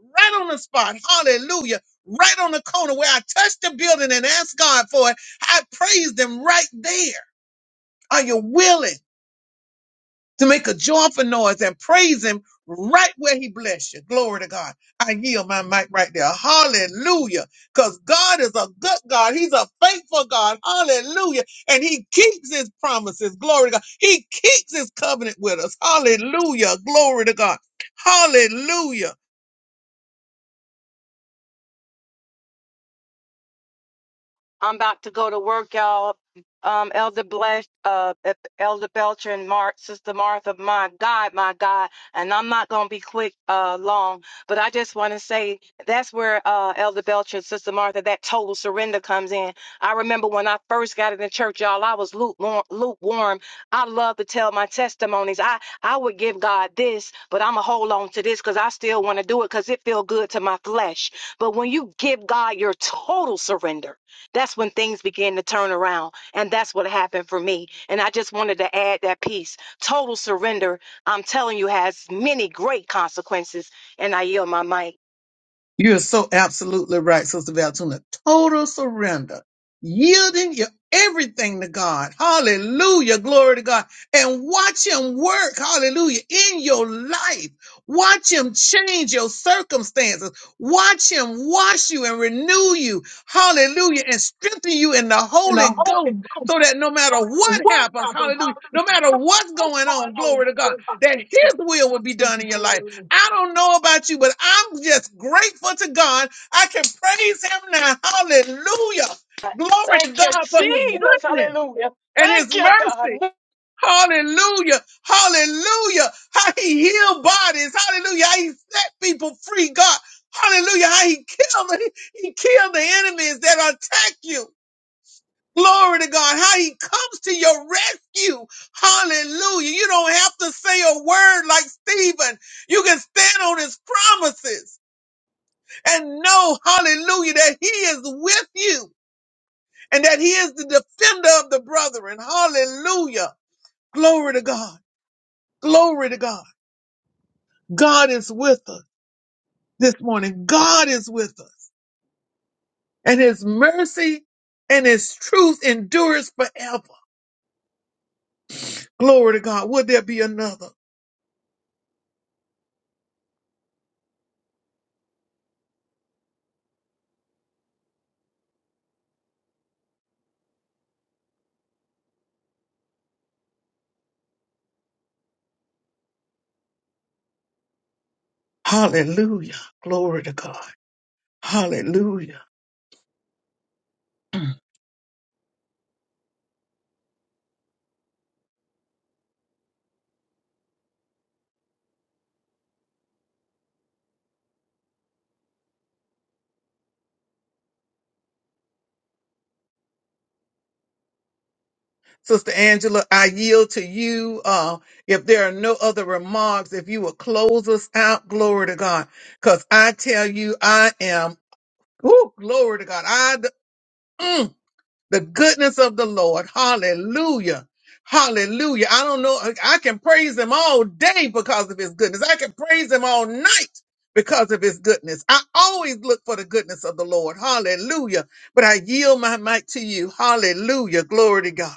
A: right on the spot, hallelujah, right on the corner where I touched the building and asked God for it. I praised him right there. Are you willing? to make a joyful noise and praise him right where he bless you. Glory to God. I yield my mic right there. Hallelujah. Because God is a good God. He's a faithful God. Hallelujah. And he keeps his promises. Glory to God. He keeps his covenant with us. Hallelujah. Glory to God. Hallelujah.
D: I'm about to go to work, y'all. Um, Elder Bless, uh, E-, Elder Belcher and Mark, Sister Martha, my God, my God, and I'm not gonna be quick, uh, long, but I just want to say that's where uh, Elder Belcher and Sister Martha, that total surrender comes in. I remember when I first got in the church, y'all, I was lukewarm. lukewarm. I love to tell my testimonies. I I would give God this, but I'm gonna hold on to this because I still want to do it because it feel good to my flesh. But when you give God your total surrender that's when things began to turn around. And that's what happened for me. And I just wanted to add that piece. Total surrender, I'm telling you, has many great consequences. And I yield my mic.
A: You're so absolutely right, Sister Valtuna. Total surrender, yielding your everything to God. Hallelujah. Glory to God. And watch Him work. Hallelujah. In your life, watch Him change your circumstances. Watch Him wash you and renew you. Hallelujah. And strengthen you in the
B: And
A: Holy
B: the Holy
A: Ghost
B: Ghost,
A: so that no
B: no
A: matter
B: matter
A: what
B: what
A: happens,
B: happens,
A: hallelujah,
B: hallelujah,
A: no matter what's
B: what's
A: going on,
B: going on,
A: glory to God, that His will will be done in your life I don't know about you, but I'm just grateful to God. I can praise Him now. Hallelujah. Glory to
D: Thank you,
A: God for His
D: Jesus.
A: goodness
D: Hallelujah.
A: and
D: Thank
A: His
D: you, God.
A: mercy. Hallelujah. Hallelujah. How He healed bodies. Hallelujah. How He set people free. God. Hallelujah. How He killed, he, he killed the enemies that attack you. Glory to God, how he comes to your rescue. Hallelujah. You don't have to say a word like Stephen. You can stand on his promises and know, hallelujah, that he is with you and that he is the defender of the brethren. Hallelujah. Glory to God. Glory to God. God is with us this morning. God is with us and his mercy and his truth endures forever. Glory to God. Would there be another? Hallelujah. Glory to God. Hallelujah. Sister Angela, I yield to you. Uh, if there are no other remarks, if you will close us out, glory to God. Because I tell you, I am, oh, glory to God. I, mm, the goodness of the Lord. Hallelujah. Hallelujah. I don't know. I can praise him all day because of his goodness. I can praise him all night because of his goodness. I always look for the goodness of the Lord. Hallelujah. But I yield my mic to you. Hallelujah. Glory to God.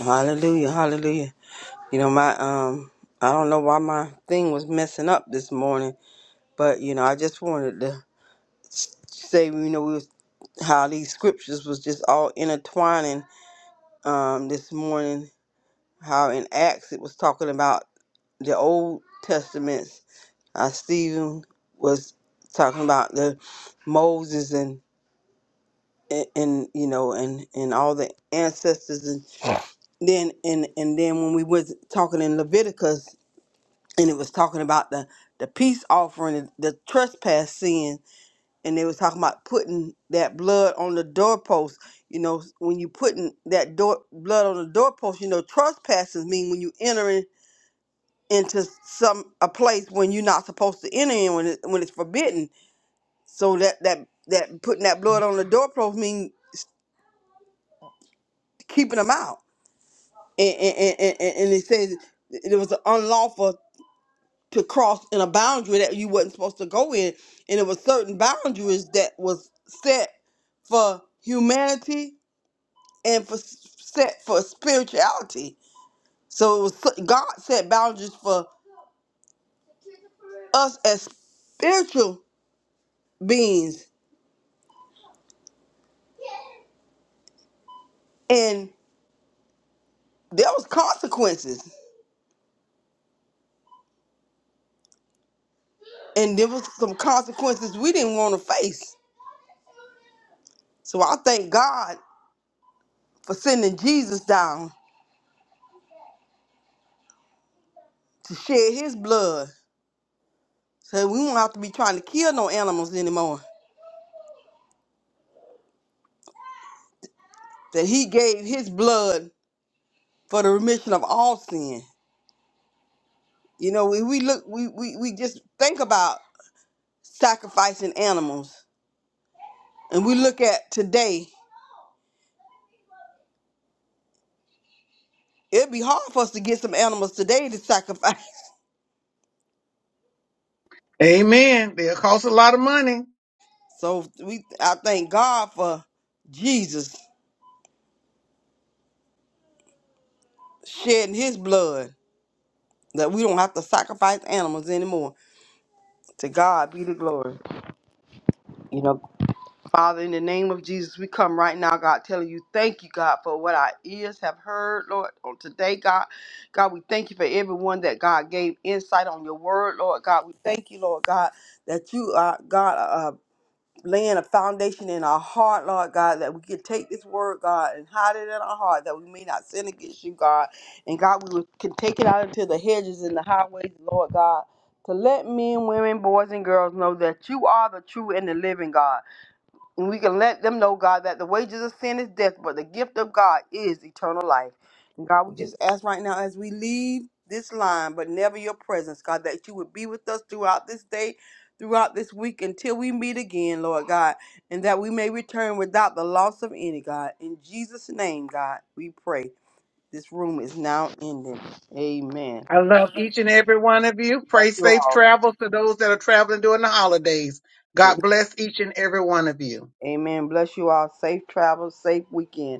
F: Hallelujah, hallelujah. You know, my um I don't know why my thing was messing up this morning, but you know, I just wanted to s- say, you know, we was, how these scriptures was just all intertwining um this morning How in Acts it was talking about the Old Testaments. Uh, Stephen was talking about the Moses and and and, you know and and all the ancestors and then and and then when we was talking in Leviticus and it was talking about the the peace offering the trespass sin and they was talking about putting that blood on the doorpost you know when you putting that door blood on the doorpost you know trespasses mean when you enter in into some a place when you're not supposed to enter in when it, when it's forbidden. So that that that putting that blood on the doorpost means keeping them out. And and, and and and and it says it was unlawful to cross in a boundary that you wasn't supposed to go in, and it was certain boundaries that was set for humanity and for s- set for spirituality. So it was God set boundaries for us as spiritual beings, and there was consequences and there was some consequences we didn't want to face so i thank god for sending jesus down to shed his blood so we won't have to be trying to kill no animals anymore that he gave his blood for the remission of all sin you know we, we look we, we we just think about sacrificing animals and we look at today it'd be hard for us to get some animals today to sacrifice
A: Amen. They'll cost a lot of money.
F: so we i thank god for jesus shedding his blood that we don't have to sacrifice animals anymore. To God be the glory. You know, Father, in the name of Jesus, we come right now, God, telling you thank you, God, for what our ears have heard, Lord, on today, God. God, we thank you for everyone that God gave insight on your word, Lord. God, we thank you, Lord, God, that you are God. uh, laying a foundation in our heart, Lord God, that we can take this word, God, and hide it in our heart, that we may not sin against you, God. And God, we will- can take it out into the hedges and the highways, Lord God, to let men, women, boys, and girls know that you are the true and the living God. And we can let them know, God, that the wages of sin is death, but the gift of God is eternal life. And God, we just ask right now as we leave this line, but never your presence, God, that you would be with us throughout this day, throughout this week, until we meet again, Lord God, and that we may return without the loss of any, God. In Jesus' name, God, we pray. This room is now ending. Amen.
A: I love each and every one of you.
F: Bless
A: Pray
F: you
A: safe
F: all.
A: travels to those that are traveling during the holidays. God bless each and every one of you.
F: Amen. Bless you all. Safe travels, safe weekend.